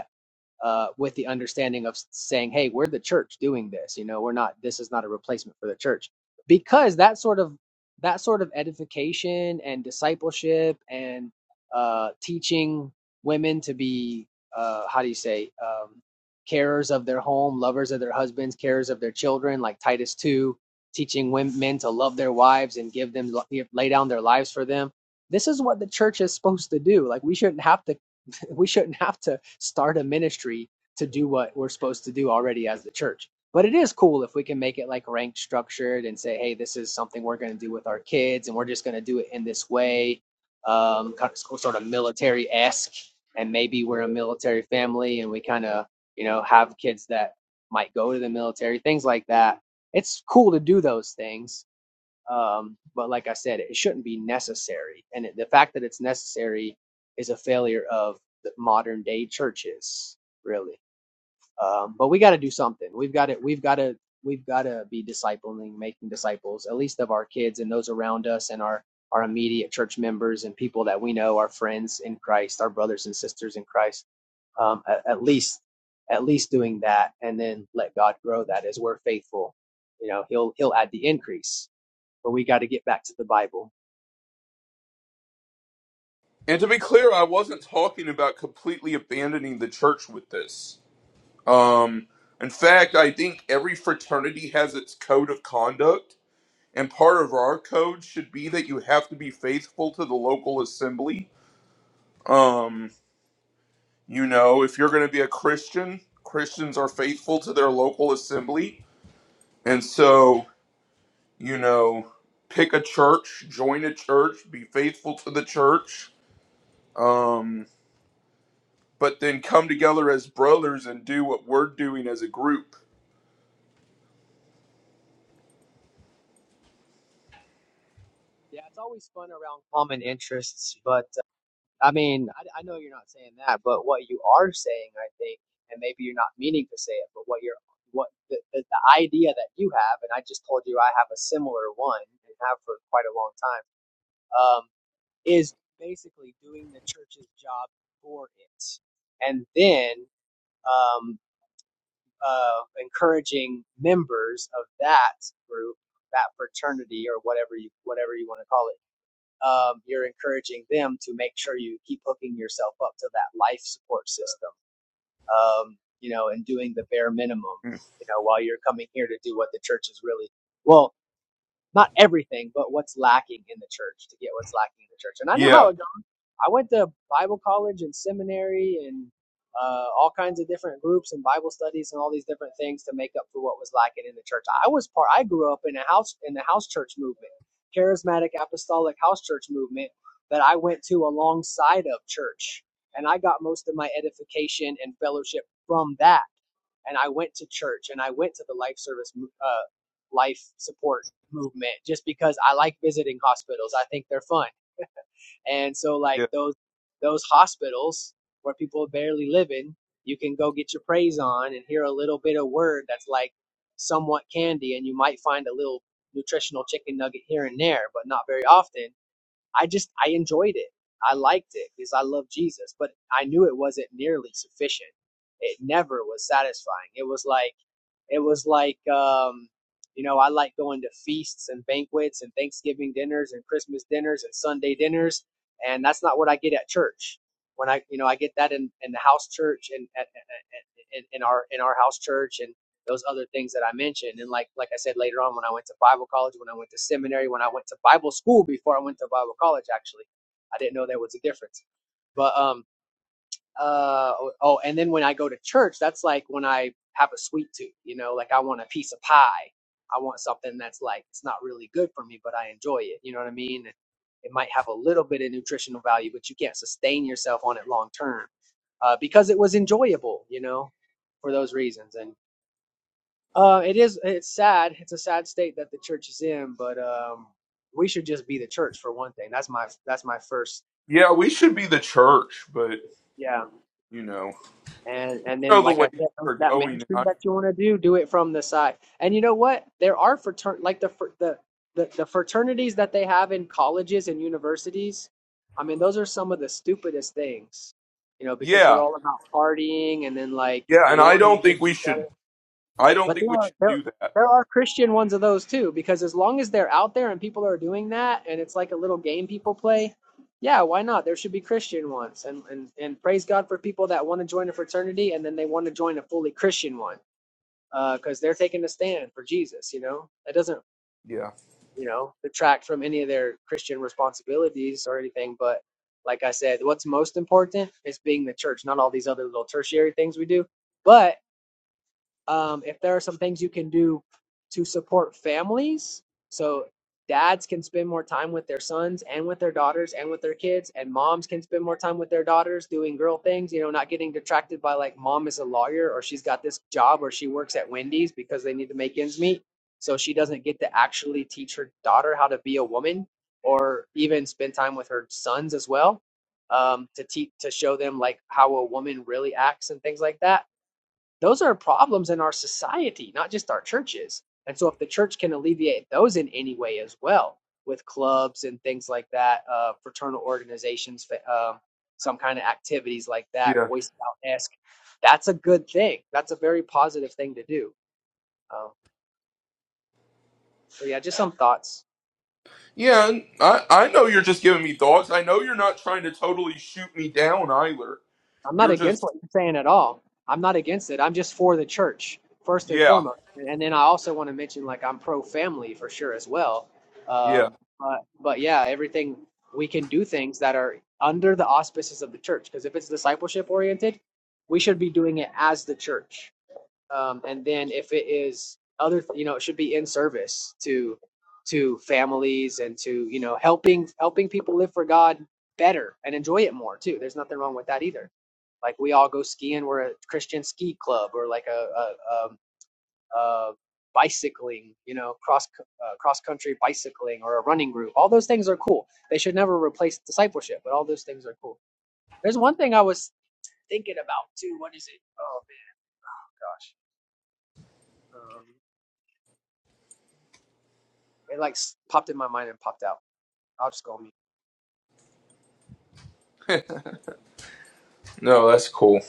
S7: uh, with the understanding of saying, "Hey, we're the church doing this. You know, we're not. This is not a replacement for the church." Because that sort of that sort of edification and discipleship and uh, teaching women to be uh, how do you say um, carers of their home, lovers of their husbands, carers of their children, like Titus two, teaching women men to love their wives and give them lay down their lives for them. This is what the church is supposed to do. Like we shouldn't have to shouldn't we shouldn't have to start a ministry to do what we're supposed to do already as the church. But it is cool if we can make it like ranked structured and say, hey, this is something we're going to do with our kids and we're just going to do it in this way, um, kind of, sort of military esque. And maybe we're a military family and we kind of, you know, have kids that might go to the military, things like that. It's cool to do those things um, but like I said, it shouldn't be necessary. And it, the fact that it's necessary is a failure of the modern day churches, really. Um, but we got to do something. We've got to, we've got to, we've got to be discipling, making disciples, at least of our kids and those around us and our, our immediate church members and people that we know, our friends in Christ, our brothers and sisters in Christ. Um, at, at least, at least doing that, and then let God grow that as we're faithful. You know, He'll He'll add the increase but we got to get back to the Bible.
S2: And to be clear, I wasn't talking about completely abandoning the church with this. Um, in fact, I think every fraternity has its code of conduct, and part of our code should be that you have to be faithful to the local assembly. Um, you know, if you're going to be a Christian, Christians are faithful to their local assembly. And so, you know, pick a church, join a church, be faithful to the church. Um, but then come together as brothers and do what we're doing as a group.
S7: Yeah, it's always fun around common interests, but uh, I mean, I, I know you're not saying that, but what you are saying, I think, and maybe you're not meaning to say it, but what you're, what the, the, the idea that you have, and I just told you I have a similar one and have for quite a long time, um, is basically doing the church's job for it, and then. um, uh, encouraging members of that group, that fraternity, or whatever you whatever you want to call it. Um, you're encouraging them to make sure you keep hooking yourself up to that life support system, um, you know, and doing the bare minimum,
S2: Mm.
S7: you know, while you're coming here to do what the church is really well, not everything, but what's lacking in the church to get what's lacking in the church. And I know how
S2: Yeah,
S7: it goes I went to Bible college and seminary and uh, all kinds of different groups and Bible studies and all these different things to make up for what was lacking in the church. I was part. I grew up in a house in the house church movement, charismatic apostolic house church movement that I went to alongside of church, and I got most of my edification and fellowship from that. And I went to church and I went to the life service, mo- uh, life support movement just because I like visiting hospitals. I think they're fun. And so like
S2: yeah,
S7: those those hospitals where people are barely living, you can go get your praise on and hear a little bit of word that's like somewhat candy and you might find a little nutritional chicken nugget here and there, but not very often. I just I enjoyed it. I liked it because I love Jesus, but I knew it wasn't nearly sufficient. It never was satisfying. It was like it was like, um, you know, I like going to feasts and banquets and Thanksgiving dinners and Christmas dinners and Sunday dinners, and that's not what I get at church. When I, you know, I get that in, in the house church and at, at, at, in, in our in our house church and those other things that I mentioned. And like like I said later on, when I went to Bible college, when I went to seminary, when I went to Bible school before I went to Bible college, actually, I didn't know there was a difference. But um, uh oh oh, and then when i go to church that's like when i have a sweet tooth you know like i want a piece of pie i want something that's like it's not really good for me but i enjoy it you know what i mean it might have a little bit of nutritional value but you can't sustain yourself on it long term uh, because it was enjoyable you know for those reasons and uh it is it's sad it's a sad state that the church is in but um we should just be the church for one thing that's my that's my first
S2: yeah. We should be the church, but
S7: yeah
S2: you know,
S7: And
S2: you
S7: and then,
S2: know the
S7: like
S2: way
S7: I
S2: things
S7: said, those-
S2: are
S7: that
S2: going.
S7: ministry
S2: I,
S7: that you want to do, do it from the side. And you know what? There are fratern like the fr- the the the fraternities that they have in colleges and universities. I mean, those are some of the stupidest things, you know, because they're
S2: yeah,
S7: all about partying and then like
S2: yeah, and I
S7: warring
S2: don't think
S7: against
S2: we
S7: each other.
S2: should. I don't
S7: But
S2: think
S7: there
S2: we
S7: are
S2: should
S7: there
S2: do that.
S7: there are Christian ones of those too, because as long as they're out there and people are doing that and it's like a little game people play, yeah, why not? There should be Christian ones. And and, and praise God for people that want to join a fraternity and then they want to join a fully Christian one. uh, because they're taking a stand for Jesus, you know? That doesn't,
S2: Yeah,
S7: you know, detract from any of their Christian responsibilities or anything, but like I said, what's most important is being the church, not all these other little tertiary things we do. But um, if there are some things you can do to support families so dads can spend more time with their sons and with their daughters and with their kids and moms can spend more time with their daughters doing girl things you know not getting detracted by like mom is a lawyer or she's got this job or she works at wendy's because they need to make ends meet so she doesn't get to actually teach her daughter how to be a woman or even spend time with her sons as well um, to teach to show them like how a woman really acts and things like that those are problems in our society, not just our churches. And so, if the church can alleviate those in any way as well, with clubs and things like that, uh, fraternal organizations, fa- um some kind of activities like that,
S2: yeah,
S7: Boy Scout esque, that's a good thing. That's a very positive thing to do. Um, so, yeah, just some thoughts.
S2: yeah. And I I know you're just giving me thoughts. I know you're not trying to totally shoot me down either.
S7: I'm not
S2: You're
S7: against
S2: just
S7: what you're saying at all. I'm not against it. I'm just for the church first and
S2: yeah,
S7: foremost. And then I also want to mention like I'm pro family for sure as well.
S2: yeah.
S7: Um, but but yeah, everything we can do things that are under the auspices of the church because if it's discipleship oriented, we should be doing it as the church um, and then if it is other you know it should be in service to to families and to you know helping helping people live for god better and enjoy it more too there's nothing wrong with that either like we all go skiing we're a christian ski club or like a a, a, a bicycling you know cross uh, cross country bicycling or a running group all those things are cool they should never replace discipleship but all those things are cool there's one thing i was thinking about too what is it oh man gosh Um, It like popped in my mind and popped out. I'll just go on mute.
S2: No, that's cool.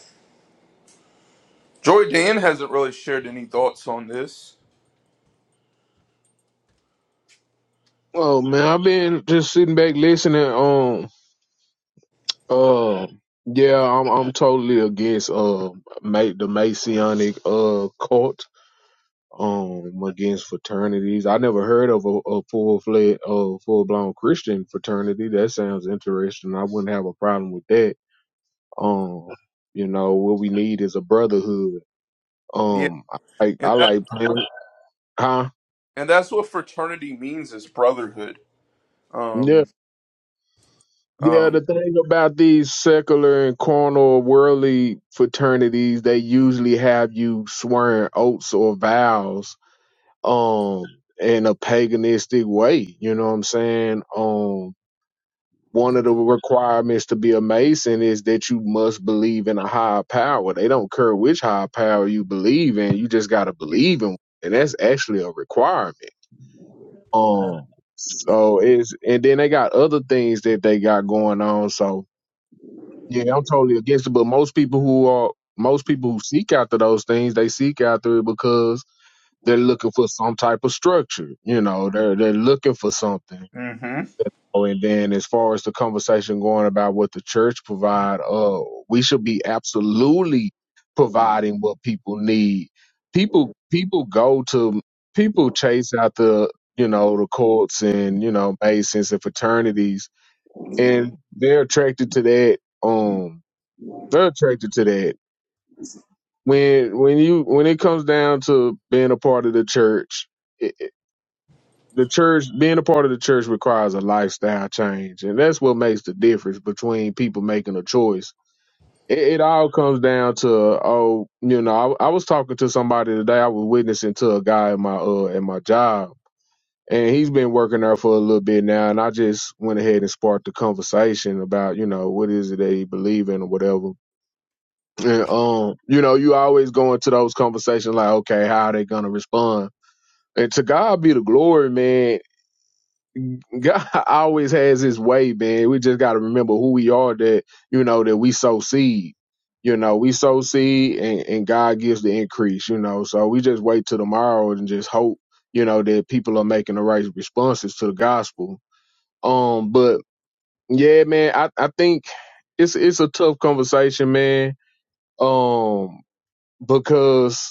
S2: Joy Dan hasn't really shared any thoughts on this.
S4: Oh man, I've been just sitting back listening. Um, uh, yeah, I'm I'm totally against uh ma- the Masonic uh cult. Um, against fraternities. I never heard of a, a full fledged, uh, full blown Christian fraternity. That sounds interesting. I wouldn't have a problem with that. Um, you know what we need is a brotherhood.
S2: Yeah,
S4: Um, I like, I
S2: and that
S4: like playing, huh?
S2: and that's what fraternity means is brotherhood.
S4: Yeah,
S2: Um,
S4: yeah. The
S2: um,
S4: thing about these secular and carnal worldly fraternities, they usually have you swearing oaths or vows, um, in a paganistic way. You know what I'm saying? Um, one of the requirements to be a mason is that you must believe in a higher power. They don't care which higher power you believe in. You just gotta
S2: yeah.
S4: believe in, and that's actually a requirement. Um, so it's and then they got other things that they got going on. So Yeah, I'm totally against it. But most people who are most people who seek after those things, they seek after it because they're looking for some type of structure. You know, they're they're looking for something.
S2: Mm-hmm.
S4: Oh, and then as far as the conversation going about what the church provide, uh, we should be absolutely providing what people need. People people go to people chase after you know the courts and you know masons and fraternities, and they're attracted to that. Um, they're attracted to that. When when you when it comes down to being a part of the church, it, it- the church being a part of the church requires a lifestyle change, and that's what makes the difference between people making a choice. It, it all comes down to oh, you know, I, I was talking to somebody today. I was witnessing to a guy at my uh at my job, and he's been working there for a little bit now, and I just went ahead and sparked the conversation about you know what is it they believe in or whatever And, um, you know, you always go into those conversations like, okay, how are they gonna respond? And to God be the glory, man. God always has his way, man. We just gotta remember who we are that, you know, that we sow seed. You know, we sow seed and, and God gives the increase, you know. So we just wait till tomorrow and just hope, you know, that people are making the right responses to the gospel. Um, but yeah, man, I, I think it's it's a tough conversation, man. Um, because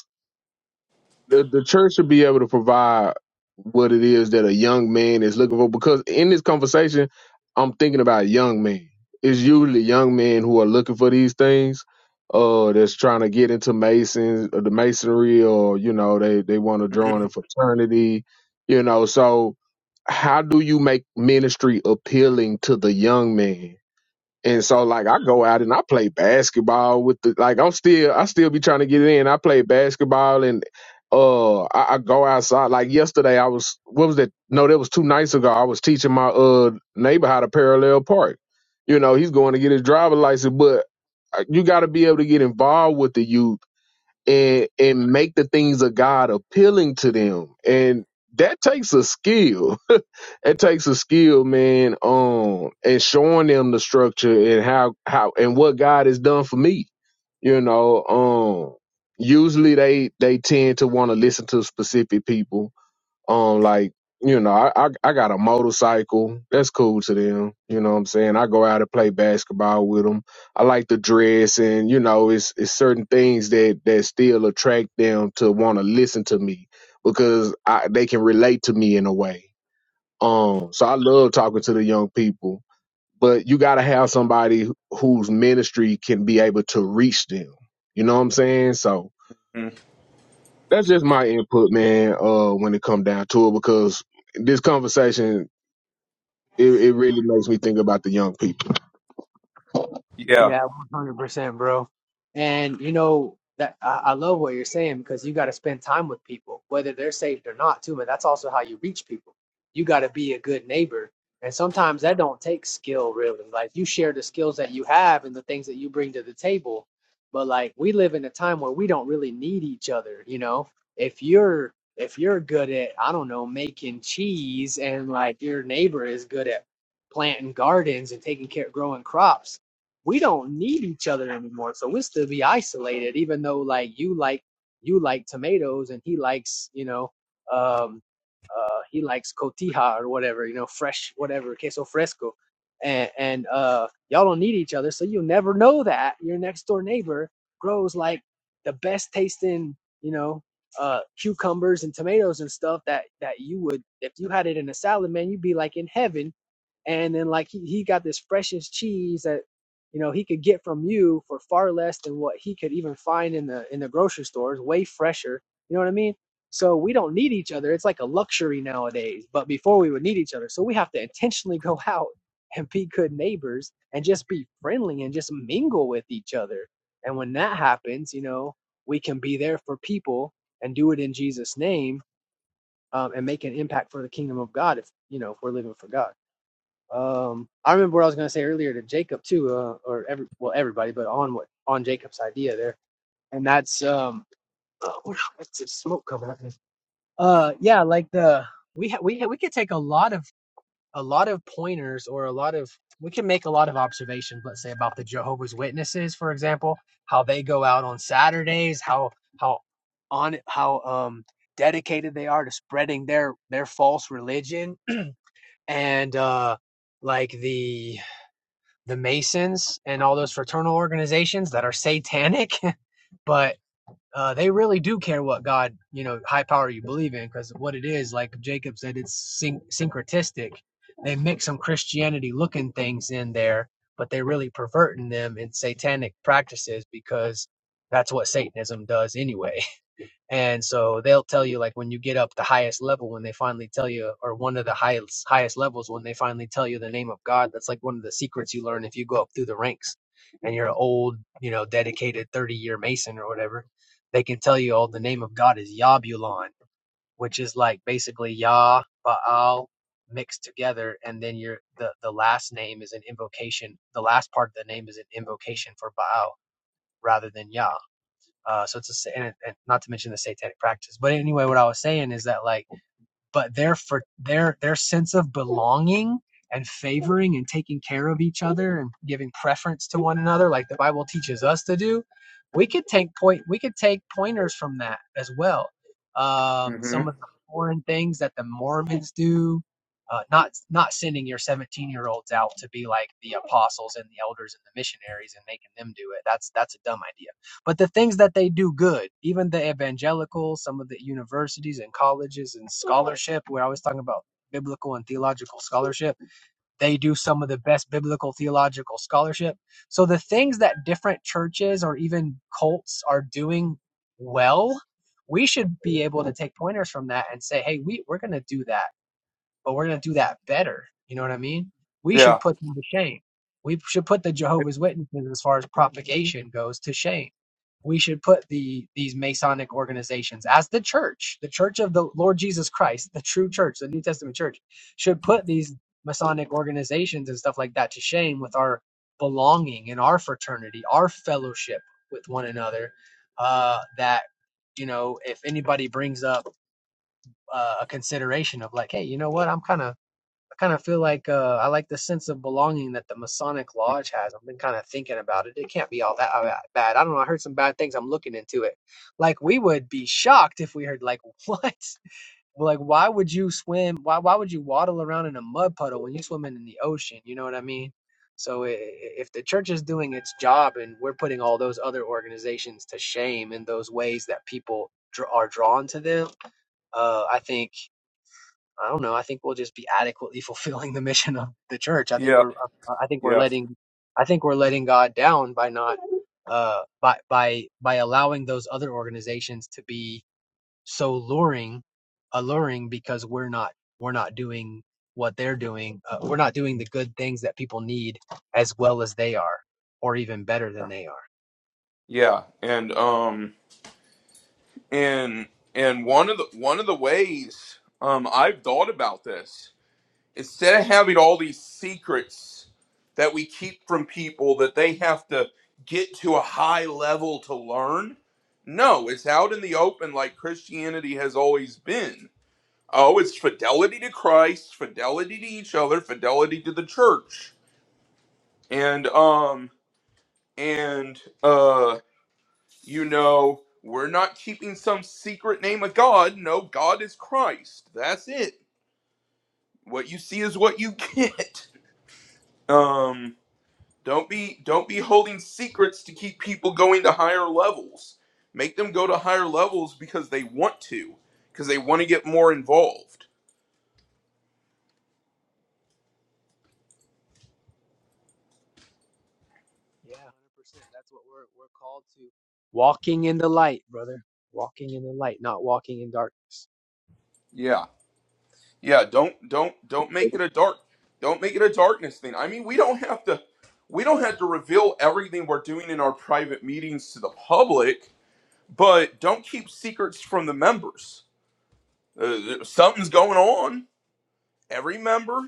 S4: the, the church should be able to provide what it is that a young man is looking for because in this conversation i'm thinking about young men it's usually young men who are looking for these things uh that's trying to get into masons or the masonry or you know they they want to join a fraternity you know so how do you make ministry appealing to the young man and so like I go out and I play basketball with the like I'm still I still be trying to get in. I play basketball and uh I, I go outside. Like yesterday I was what was that? No, that was two nights ago. I was teaching my uh neighbor how to parallel park. You know, he's going to get his driver license, but uh, you gotta be able to get involved with the youth and and make the things of God appealing to them. And that takes a skill it takes a skill, man, um, and showing them the structure and how how and what God has done for me. You know, um, usually they they tend to want to listen to specific people. Um, like you know, I, I I got a motorcycle. That's cool to them. You know what I'm saying? I go out and play basketball with them. I like the dress, and you know, it's it's certain things that that still attract them to want to listen to me because I, they can relate to me in a way um, so I love talking to the young people, but you got to have somebody wh- whose ministry can be able to reach them. You know what I'm saying? So
S2: hmm
S4: that's just my input, man. Uh, when it come down to it, because this conversation it, it really makes me think about the young people.
S2: Yeah.
S7: Yeah, one hundred percent, bro. And you know that I, I love what you're saying because you got to spend time with people, whether they're saved or not, too. And that's also how you reach people. You got to be a good neighbor, and sometimes that don't take skill, really. Like you share the skills that you have and the things that you bring to the table. But like we live in a time where we don't really need each other. You know, if you're if you're good at I don't know making cheese, and like your neighbor is good at planting gardens and taking care growing crops we don't need each other anymore. So we'll still be isolated, even though like you like you like tomatoes and he likes, you know, um uh, he likes cotija or whatever, you know, fresh whatever, queso fresco. And and uh y'all don't need each other, so you'll never know that your next door neighbor grows like the best tasting, you know, uh cucumbers and tomatoes and stuff that that you would if you had it in a salad, man, you'd be like in heaven and then like he, he got this freshest cheese that you know he could get from you for far less than what he could even find in the in the grocery stores way fresher you know what i mean so we don't need each other it's like a luxury nowadays but before we would need each other so we have to intentionally go out and be good neighbors and just be friendly and just mingle with each other and when that happens you know we can be there for people and do it in jesus name um, and make an impact for the kingdom of god if you know if we're living for god um, I remember what I was gonna say earlier to Jacob too, uh, or every well everybody, but on what on Jacob's idea there, and that's um, uh, what- what's this smoke coming up? Uh, yeah, like the we ha- we ha- we could take a lot of a lot of pointers or a lot of we can make a lot of observations. Let's say about the Jehovah's Witnesses, for example, how they go out on Saturdays, how how on how um dedicated they are to spreading their their false religion and uh like the the Masons and all those fraternal organizations that are satanic, but uh, they really do care what God, you know, high power you believe in, because what it is, like Jacob said, it's syn- syncretistic. They mix some Christianity looking things in there, but they are really perverting them in satanic practices because that's what Satanism does anyway. And so they'll tell you like when you get up the highest level when they finally tell you or one of the highest highest levels when they finally tell you the name of God, that's like one of the secrets you learn if you go up through the ranks and you're an old, you know, dedicated 30 year Mason or whatever, they can tell you all the name of God is Yabulon, which is like basically Yah, Baal mixed together and then your the, the last name is an invocation the last part of the name is an invocation for Baal rather than Yah uh, so it's a, and, it, and not to mention the satanic practice. But anyway, what I was saying is that like, but their for their their sense of belonging and favoring and taking care of each other and giving preference to one another, like the Bible teaches us to do, we could take point we could take pointers from that as well. Um,
S2: hmm
S7: some of the foreign things that the Mormons do, uh, not not sending your 17 year olds out to be like the apostles and the elders and the missionaries and making them do it that's that's a dumb idea but the things that they do good, even the evangelical, some of the universities and colleges and scholarship, we're always talking about biblical and theological scholarship, they do some of the best biblical theological scholarship. So the things that different churches or even cults are doing well, we should be able to take pointers from that and say, hey, we, we're going to do that but we're going to do that better. You know what I mean? We
S2: Yeah.
S7: should put them to shame. We should put the Jehovah's Witnesses, as far as propagation goes, to shame. We should put the these Masonic organizations as the church, the church of the Lord Jesus Christ, the true church, the New Testament church, should put these Masonic organizations and stuff like that to shame with our belonging in our fraternity, our fellowship with one another. Uh, that you know, if anybody brings up uh, a consideration of like, hey, you know what, I'm kind of I kind of feel like uh, I like the sense of belonging that the Masonic Lodge has. I've been kind of thinking about it. It can't be all that uh, bad. I don't know. I heard some bad things. I'm looking into it. Like we would be shocked if we heard like what? Like why would you swim? Why why would you waddle around in a mud puddle when you're swimming in the ocean? You know what I mean? So i- i- if the church is doing its job and we're putting all those other organizations to shame in those ways that people dr- are drawn to them, uh, I think I don't know. I think we'll just be adequately fulfilling the mission of the church. I think
S2: Yeah.
S7: we're uh, I think we're
S2: Yeah.
S7: letting I think we're letting God down by not uh by by by allowing those other organizations to be so luring alluring because we're not we're not doing what they're doing. Uh, we're not doing the good things that people need as well as they are or even better than they are.
S2: Yeah. And um and and one of the one of the ways um I've thought about this, instead of having all these secrets that we keep from people that they have to get to a high level to learn, no, it's out in the open like Christianity has always been Oh, it's fidelity to Christ, fidelity to each other, fidelity to the church. And um and uh you know, we're not keeping some secret name of God. No, God is Christ. That's it. What you see is what you get. Um don't be don't be holding secrets to keep people going to higher levels. Make them go to higher levels because they want to, because they want to get more involved.
S7: Yeah, 100%. That's what we're we're called to. Walking in the light, brother. Walking in the light, not walking in darkness.
S2: Yeah. Yeah, don't don't don't make it a dark don't make it a darkness thing. I mean, we don't have to we don't have to reveal everything we're doing in our private meetings to the public, but don't keep secrets from the members. Uh, something's going on. Every member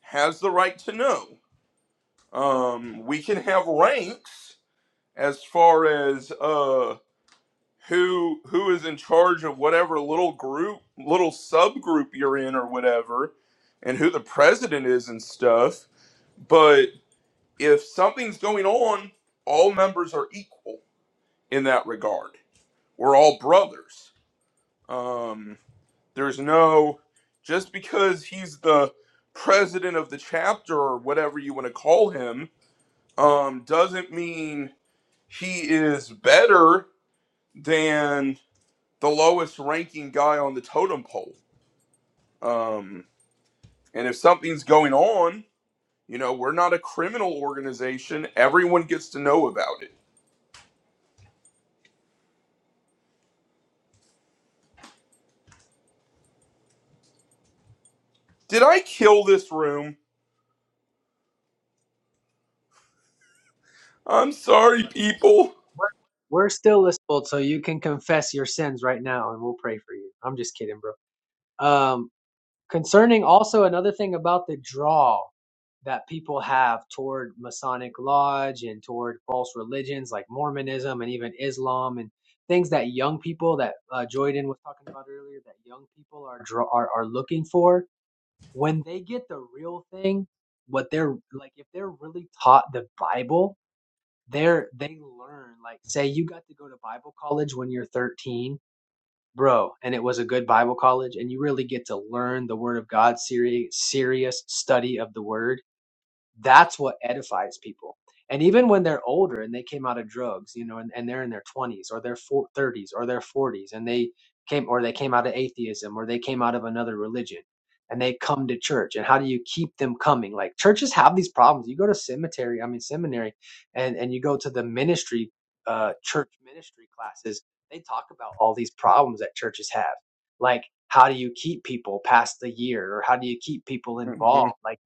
S2: has the right to know. Um, we can have ranks as far as uh who who is in charge of whatever little group, little subgroup you're in or whatever, and who the president is and stuff But if something's going on, all members are equal in that regard. We're all brothers. Um, there's no just because he's the president of the chapter or whatever you want to call him um, doesn't mean he is better than the lowest ranking guy on the totem pole. Um, and if something's going on, you know, we're not a criminal organization. Everyone gets to know about it Did I kill this room? I'm
S7: Yes,
S2: sorry,
S7: but.
S2: people.
S7: We're, we're still listenable, so you can confess your sins right now, and we'll pray for you. I'm just kidding, bro. Um, concerning also another thing about the draw that people have toward Masonic Lodge and toward false religions like Mormonism and even Islam and things that young people that uh, Joyden was talking about earlier that young people are, draw, are are looking for when they get the real thing. What they're like, if they're really taught the Bible, they're they learn like say you got to go to bible college when you're 13 bro and it was a good bible college and you really get to learn the word of god serious serious study of the word that's what edifies people. And even when they're older and they came out of drugs, you know, and, and they're in their 20s or their four, 30s or their 40s and they came or they came out of atheism or they came out of another religion and they come to church and how do you keep them coming? Like churches have these problems. You go to cemetery, I mean seminary and and you go to the ministry uh church ministry classes. They talk about all these problems that churches have. Like how do you keep people past the year or how do you keep people
S2: hmm
S7: involved? Like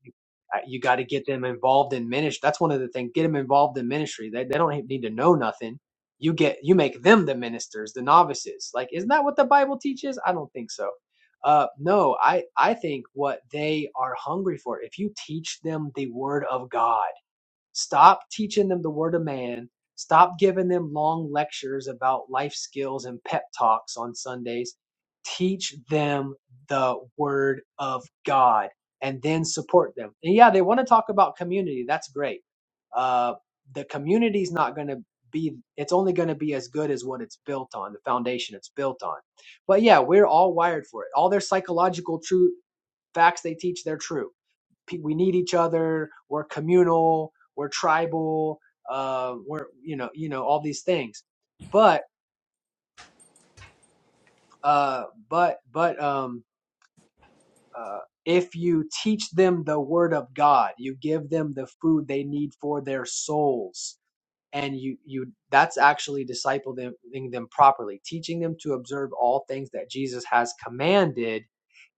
S7: uh, You got to get them involved in ministry. That's one of the things. Get them involved in ministry. They they don't need to know nothing. You get you make them the ministers, the novices. Like isn't that what the Bible teaches? I don't think so. Uh, no, I I think what they are hungry for. If you teach them the Word of God Stop teaching them the word of man. Stop giving them long lectures about life skills and pep talks on Sundays. Teach them the word of God and then support them. And yeah, they want to talk about community. That's great. Uh, the community's not going to be, it's only going to be as good as what it's built on, the foundation it's built on. But yeah, we're all wired for it. All their psychological truth facts they teach, they're true we need each other we're communal we're tribal uh, we're you know you know all these things but uh, but but um, uh, if you teach them the word of god you give them the food they need for their souls and you you that's actually discipling them properly teaching them to observe all things that jesus has commanded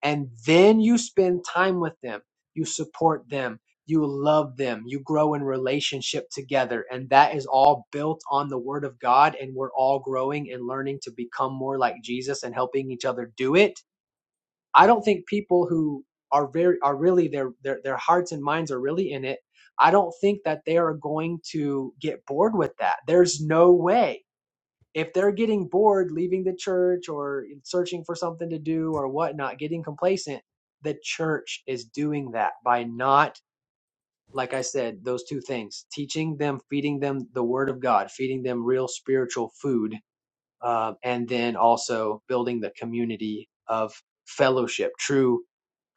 S7: and then you spend time with them you support them you love them you grow in relationship together and that is all built on the word of god and we're all growing and learning to become more like jesus and helping each other do it i don't think people who are very are really their their, their hearts and minds are really in it i don't think that they are going to get bored with that there's no way if they're getting bored leaving the church or searching for something to do or whatnot, getting complacent, the church is doing that by not, like I said, those two things teaching them, feeding them the word of God, feeding them real spiritual food um, and then also building the community of fellowship, true,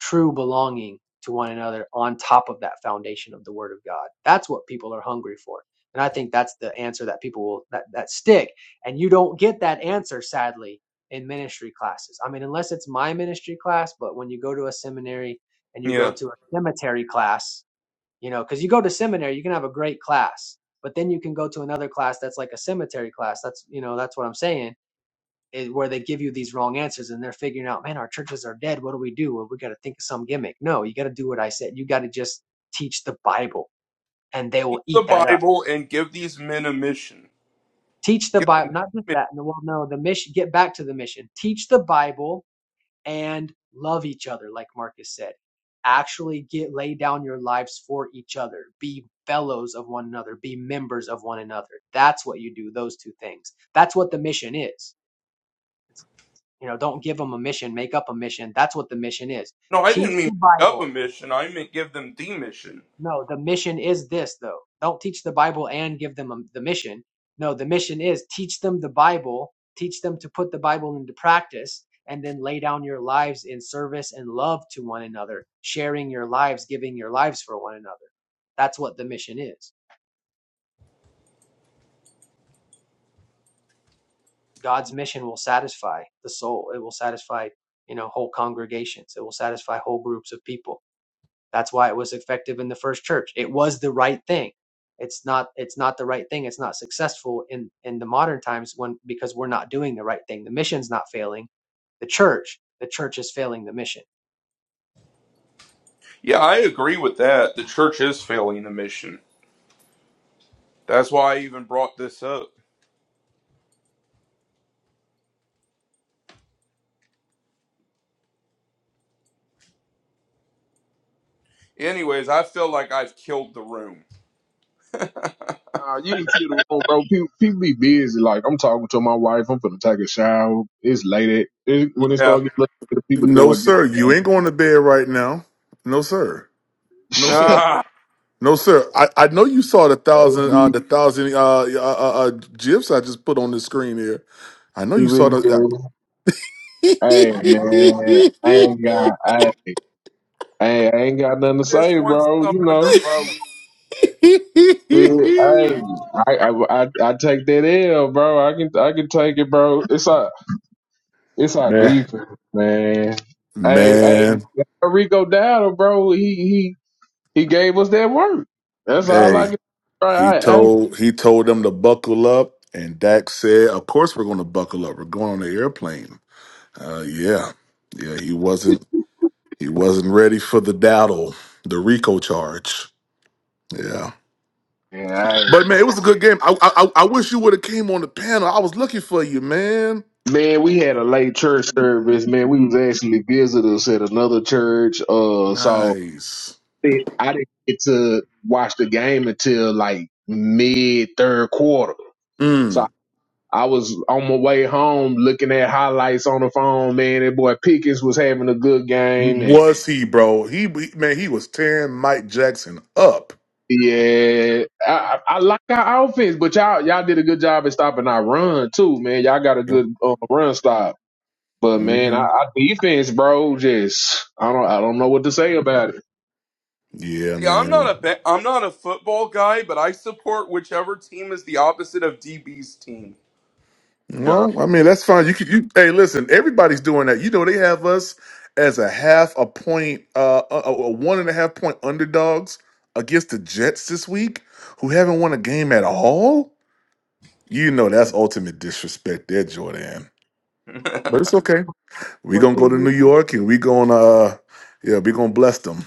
S7: true belonging to one another on top of that foundation of the Word of God. That's what people are hungry for, and I think that's the answer that people will that that stick. And you don't get that answer, sadly, in ministry classes. I mean, unless it's my ministry class, but when you go to a seminary and you go
S2: Yeah.
S7: to a cemetery class, you know, because you go to seminary, you can have a great class. But then you can go to another class that's like a cemetery class. That's you know that's what I'm saying is where they give you these wrong answers and they're figuring out, man, our churches are dead. What do we do? Well, we got to think of some gimmick. No, you got to do what I said. You got to just teach the Bible and they will
S2: Keep the
S7: eat that up.
S2: Bible and give these men a mission.
S7: Teach the
S2: Give them
S7: Bible,
S2: the
S7: not just
S2: mission.
S7: that. No, Well, no, the mission, get back to the mission. Teach the Bible and love each other, like Marcus said. Actually get, lay down your lives for each other. Be fellows of one another. Be members of one another. That's what you do, those two things. That's what the mission is. You know, don't give them a mission, make up a mission. That's what the mission is.
S2: No, I
S7: Teach
S2: didn't mean
S7: the
S2: make up a
S7: Bible.
S2: mission. I meant give them the mission.
S7: No, the mission is this, though. Don't teach the Bible and give them a, the mission. No, the mission is teach them the Bible, teach them to put the Bible into practice, and then lay down your lives in service and love to one another, sharing your lives, giving your lives for one another. That's what the mission is. God's mission will satisfy the soul, it will satisfy, you know, whole congregations, it will satisfy whole groups of people That's why it was effective in the first church. It was the right thing. It's not it's not the right thing. It's not successful in in the modern times when because we're not doing the right thing. The mission's not failing. The church, the church is failing the mission.
S2: Yeah, I agree with that. The church is failing the mission. That's why I even brought this up. Anyways, I feel like I've killed the room.
S4: Uh, you ain't see the room, bro. People, people be busy. Like I'm talking to my wife. I'm finna take a shower. It's late. At, it, when it
S2: Yeah.
S4: start getting late, the people
S3: No,
S4: doing this.
S3: sir. You ain't going to bed right now. No, sir. No, sir.
S2: Ah,
S3: No, sir. I, I know you saw the
S4: It
S3: thousand
S4: be
S3: uh, the thousand uh, uh, uh, uh, gifs I just put on the screen here. I know you
S4: really
S3: saw the.
S4: busy. Hey man, I ain't got. I, I I ain't got nothing to
S2: just
S4: say,
S2: want
S4: bro. You
S2: someone to
S4: know,
S2: roast.
S4: it, I, I, I, I I take that L, bro. I can, I can take it, bro. It's our, it's our
S3: man,
S4: defense, man. Hey, hey,
S3: man.
S4: Rico Dowdle, bro. He, He gave us that word. That's all
S3: Hey,
S4: I can. I,
S3: he
S4: I,
S3: told he told them to buckle up, and Dak said, "Of course we're going to buckle up. We're going on the airplane." Uh, yeah, yeah. He wasn't he wasn't ready for the daddle, the Rico charge. Yeah,
S4: man, I-
S3: but man, it was a good game. I I, I I wish you would have came on the panel. I was looking for you, man.
S4: man, we had a late church service. Man, we was actually visitors at another church. Uh, so
S3: Nice.
S4: I didn't get to watch the game until like mid third quarter. So
S3: Mm.
S4: I was on my way home looking at highlights on the phone. Man, that boy Pickens was having a good game, and
S3: Was he, bro? He he- man, he was tearing Mike Jackson up.
S4: yeah, I, I I like our offense, but y'all y'all did a good job at stopping our run too, man. Y'all got a
S3: Yeah.
S4: good uh, run style. But man,
S3: hmm
S4: our, our defense, bro, just I don't I don't know what to say about it.
S3: Yeah,
S2: See, I'm
S3: man.
S2: not a ba- I'm not a football guy, but I support whichever team is the opposite of DB's team.
S4: Yo.
S3: Well, I mean, that's fine. You can, you hey, listen, everybody's doing that. You know, they have us as a half a point, uh, a, a a one and a half point underdogs against the Jets this week, who haven't won a game at all. You know, that's ultimate disrespect there, Jordan.
S7: What
S3: But
S7: team
S3: it's
S7: do you
S3: okay. We're
S7: what
S3: gonna go
S7: team
S3: to
S7: do you
S3: New York and we're gonna, uh, yeah, we're gonna bless them.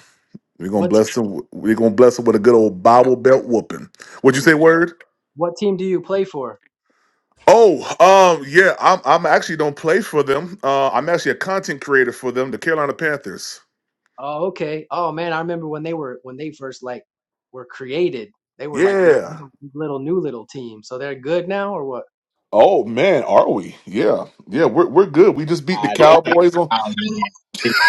S3: We're gonna
S7: what team,
S3: bless them. We're gonna bless them with a good old Bible belt whooping. What'd you say, word?
S7: what team do you play for?
S3: Oh, um, yeah, I'm I'm actually don't play for them. Uh, I'm actually a content creator for them, the Carolina Panthers.
S7: Oh, okay. Oh man, I remember when they were when they first like were created. They were like these
S3: Yeah.
S7: little, these little new little teams. So they're good now or what?
S3: Oh man, are we? Yeah, yeah, we're we're good. We just beat the
S4: Ah, they ain't
S3: Cowboys on.
S4: hollering.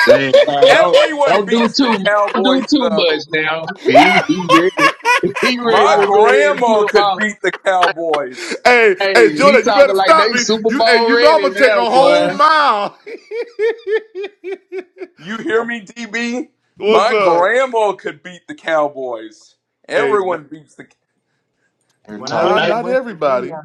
S4: They Uh, don't
S2: Everyone
S4: don't do
S2: beats the
S4: too don't do
S2: Cowboys,
S4: too much
S2: though.
S4: now. He he ready. He
S7: Oh
S4: ready
S2: My
S4: to
S7: wow.
S4: go ahead and put
S2: grandma
S4: them
S2: could
S4: out.
S2: beat the Cowboys.
S3: hey, hey,
S4: Hey, he
S3: Jordan, you better
S4: talking like
S3: stop
S4: they
S3: me.
S4: Super
S3: You, hey,
S4: Bowl
S3: you know I'm
S4: ready
S3: gonna take
S4: now,
S3: a whole
S4: boy.
S3: mile.
S2: You hear me, DB?
S3: What's
S2: My
S3: up?
S2: grandma could beat the Cowboys.
S3: Hey, n-
S2: Everyone beats the.
S4: They're
S7: When I
S3: nah,
S7: lived
S4: talking
S7: in
S3: not
S7: West Virginia,
S3: everybody.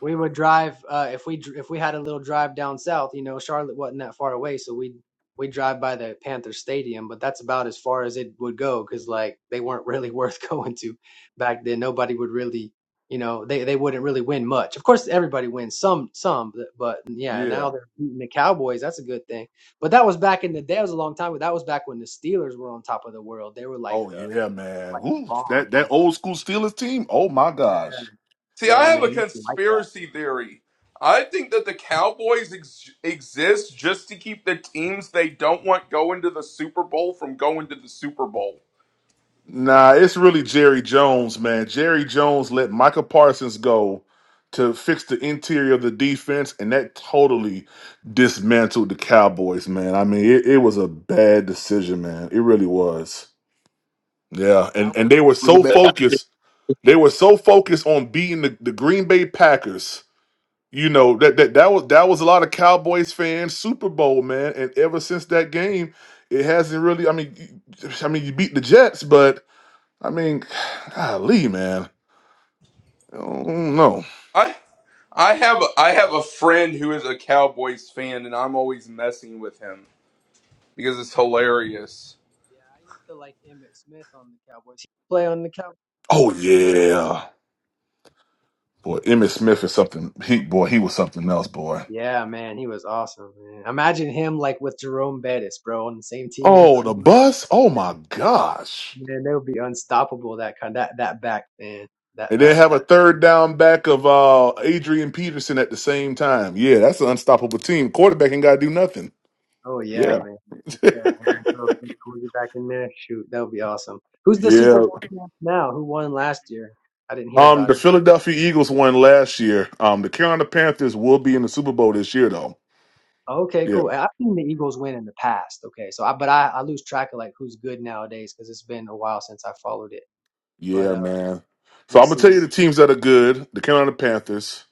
S7: we would drive uh, if we dr- if we had a little drive down south. You know, Charlotte wasn't that far away, so we we drive by the Panther Stadium, but that's about as far as it would go because like they weren't really worth going to back then. Nobody would really, you know, they they wouldn't really win much. Of course, everybody wins some some, but, but yeah,
S3: Yeah.
S7: now they're beating the Cowboys. That's a good thing. But that was back in the day. It was a long time ago. That was back when the Steelers were on top of the world. They were like
S3: Oh
S7: the
S3: yeah, man.
S7: like the
S3: Ooh,
S7: bomb.
S3: that
S7: you
S3: that
S7: know?
S3: old school Steelers team. Oh my gosh.
S2: See, I
S7: Yeah,
S2: have
S7: man,
S2: a
S7: nothing like
S2: conspiracy theory. I think that the Cowboys ex- exist just to keep the teams they don't want going to the Super Bowl from going to the Super Bowl.
S3: Nah, it's really Jerry Jones, man. Jerry Jones let Micah Parsons go to fix the interior of the defense, and that totally dismantled the Cowboys, man. I mean, it, it was a bad decision, man. It really was. Yeah,
S7: that.
S3: and and they were
S4: was
S3: so
S4: about
S3: focused. They were so focused on beating the, the Green Bay Packers You know that that that was that was a lot of Cowboys fans Super Bowl man, and ever since that game, it hasn't really. I mean, you- I mean, you beat the Jets, but I mean, golly, man, I don't know.
S2: I, I have a, I have a friend who is a Cowboys fan, and I'm always messing with him because it's hilarious.
S7: Yeah, I used to like Emmitt Smith on the Cowboys. Play on the Cowboys.
S3: Oh yeah, boy, Emmitt Smith is something. He boy, he was something else, boy.
S7: Yeah, man, he was awesome, man. Imagine him like with Jerome Bettis, bro, on the same team.
S3: Oh, the bus. Oh my gosh,
S7: Man, they would be unstoppable. That kind, that that back, man. That
S3: and then
S7: that
S3: have
S7: that.
S3: a third down back of uh Adrian Peterson at the same time. Yeah, that's an unstoppable team. Quarterback ain't got to do nothing.
S7: Oh yeah,
S3: Yeah,
S7: man. Yeah, and then throw a quarterback in there. Shoot, that would be awesome. Who's the
S3: yeah.
S7: Super Bowl champ now? Who won last year? I didn't hear
S3: Um,
S7: about
S3: the
S7: it.
S3: Philadelphia Eagles won last year. Um, the Carolina Panthers will be in the Super Bowl this year, though.
S7: Okay,
S3: Yeah,
S7: cool. I- I've seen the Eagles win in the past. Okay, so I but I, I lose track of like who's good nowadays because it's been a while since I followed it. But
S3: yeah,
S7: uh,
S3: man. So
S7: we'll
S3: I'm gonna tell
S7: see.
S3: you the teams that are good. The Carolina Panthers.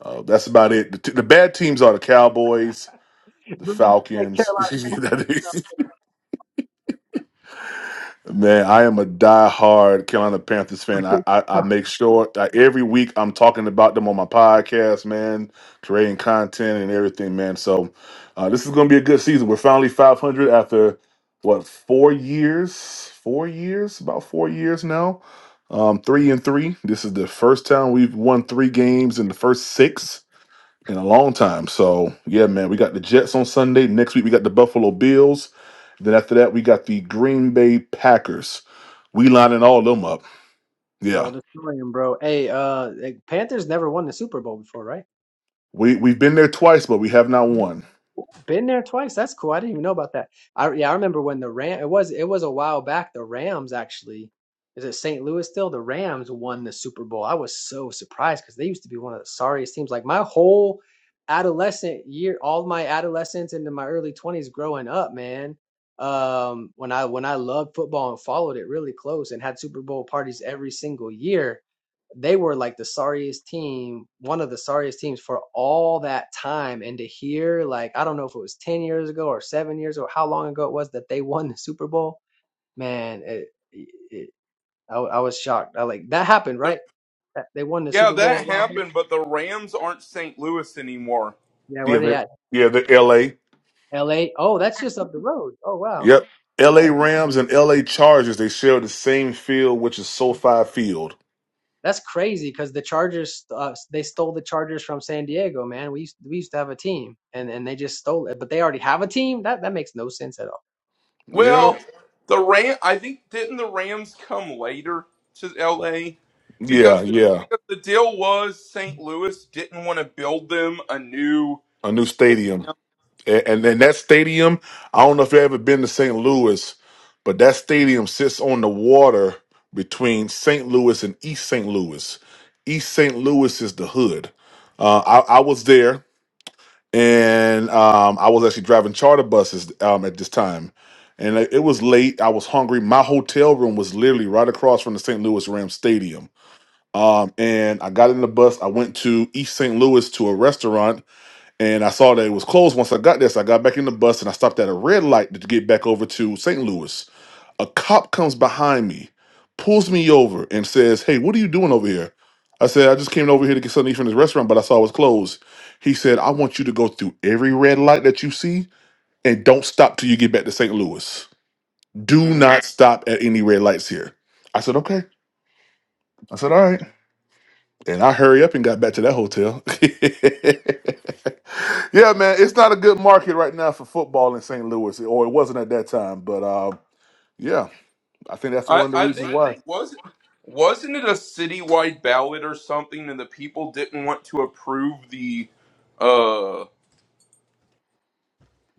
S3: Uh, that's about it. The, t- the bad teams are the Cowboys, the
S7: Brewery, hey,
S3: Falcons.
S7: Carolina.
S3: Man, I am a diehard Carolina Panthers fan. I, I, I
S7: Huh.
S3: make sure that every week I'm talking about them on my podcast, man, creating content and everything, man. So uh, this is going to be a good season. We're finally 500 after what four years? Four years? About four years now. Um, three and three. This is the first time we've won three games in the first six in a long time. So yeah, man, we got the Jets on Sunday. Next week we got the Buffalo Bills. Then after that we got the Green Bay Packers. We lining all them up.
S7: Well,
S3: Yeah,
S7: just knowing, bro. Hey, uh, eh, Panthers never won the Super Bowl before, right?
S3: we we've been there twice, but we have not won.
S7: Been there twice. That's cool. I didn't even know about that. I yeah, I remember when the Ram. It was it was a while back. The Rams actually. Is it St. Louis still? The Rams won the Super Bowl. I was so surprised because they used to be one of the sorriest teams. Like my whole adolescent year, all my adolescence into my early twenties growing up, man. Um, when I when I loved football and followed it really close and had Super Bowl parties every single year they were like the sorriest team, one of the sorriest teams for all that time. And to hear, like, I don't know if it was 10 years ago or seven years or how long ago it was that they won the Super Bowl, man, it, it, I, w- I was shocked. I like that happened,
S2: The,
S7: right? That- They won the
S2: yeah,
S7: Super
S2: that
S7: Bowl. Wow.
S2: happened, but the Rams aren't St. Louis anymore.
S7: Yeah,
S3: Yeah,
S7: where they
S3: they
S7: at?
S3: yeah the L.A.
S7: LA. Oh, that's just up the road. Oh, wow.
S3: Yep,
S7: No
S3: L.A.
S7: way.
S3: Rams and L.A. Chargers. They share the same field, which is SoFi Field.
S7: That's crazy because the Chargers, uh, they stole the Chargers from San Diego, man. We used, we used to have a team and, and they just stole it, but they already have a team. That, that makes no sense at all. For real.
S2: Well,
S3: Yep.
S2: the Ram I think didn't the Rams come later to LA
S3: Yeah,
S2: because the
S3: yeah,
S2: because the deal was St. Louis didn't want to build them a new
S3: a new
S2: stadium.
S3: stadium. and, and and that stadium, I don't know if you've ever been to St. Louis, but that stadium sits on the water between St. Louis and East St. Louis. East St. Louis is the hood. Uh, I, I was there, and um, I was actually driving charter buses um, at this time, and it it was late. I was hungry. My hotel room was literally right across from the St. Louis Rams stadium. Um, and I got in the bus. I went to East St. Louis to a restaurant and I saw that it was closed. Once I got there, so I got back in the bus and I stopped at a red light to get back over to St. Louis. A cop comes behind me, pulls me over, and says, "Hey, what are you doing over here?" I said, "I just came over here to get something to eat from this restaurant, but I saw it was closed." He said, "I want you to go through every red light that you see and don't stop till you get back to St. Louis. Do
S2: Mm.
S3: not stop at any red lights here." I said, "Okay." I said, "All right." and I hurry up and got back to that hotel. yeah, man, it's not a good market right now for football in St. Louis, or it wasn't at that time. But uh, yeah, I think that's
S2: I
S3: one of the
S2: I think
S3: reasons why.
S2: was wasn't it a citywide ballot or something and the people didn't want to approve the uh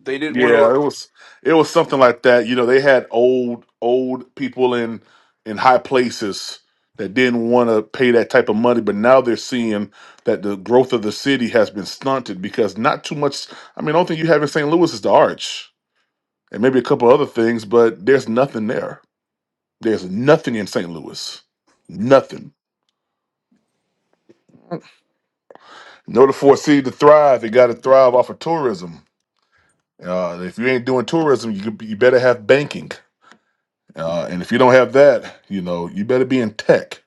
S2: they didn't want to
S3: Yeah, it was it was something like that. You know, they had old old people in in high places that didn't want to pay that type of money, but now they're seeing that the growth of the city has been stunted because not too much. I mean, the only thing you have in St. Louis is the Arch and maybe a couple other things, but there's nothing there There's nothing in St. Louis. Nothing. In order for a city to thrive, it got to thrive off of tourism. Uh, if you ain't doing tourism, you could- you better have banking. Uh, and if you don't have that, you know, you better be in tech.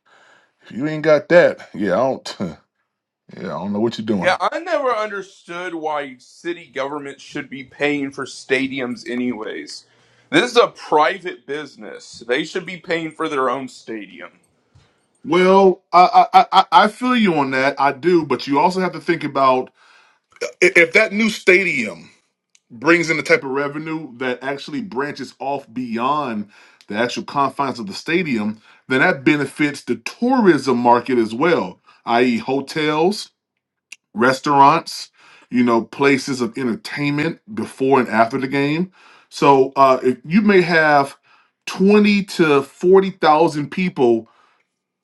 S3: If you ain't got that, yeah, I don't, yeah, I don't know what you're
S2: Yeah,
S3: doing.
S2: I never understood why city government should be paying for stadiums anyways. This is a private business. They should be paying for their own stadium.
S3: Well, I, I I I feel you on that. I do, but you also have to think about i- if that new stadium. brings in the type of revenue that actually branches off beyond the actual confines of the stadium, then that benefits the tourism market as well, i.e., hotels, restaurants, you know, places of entertainment before and after the game. So uh, if you may have twenty to forty thousand people,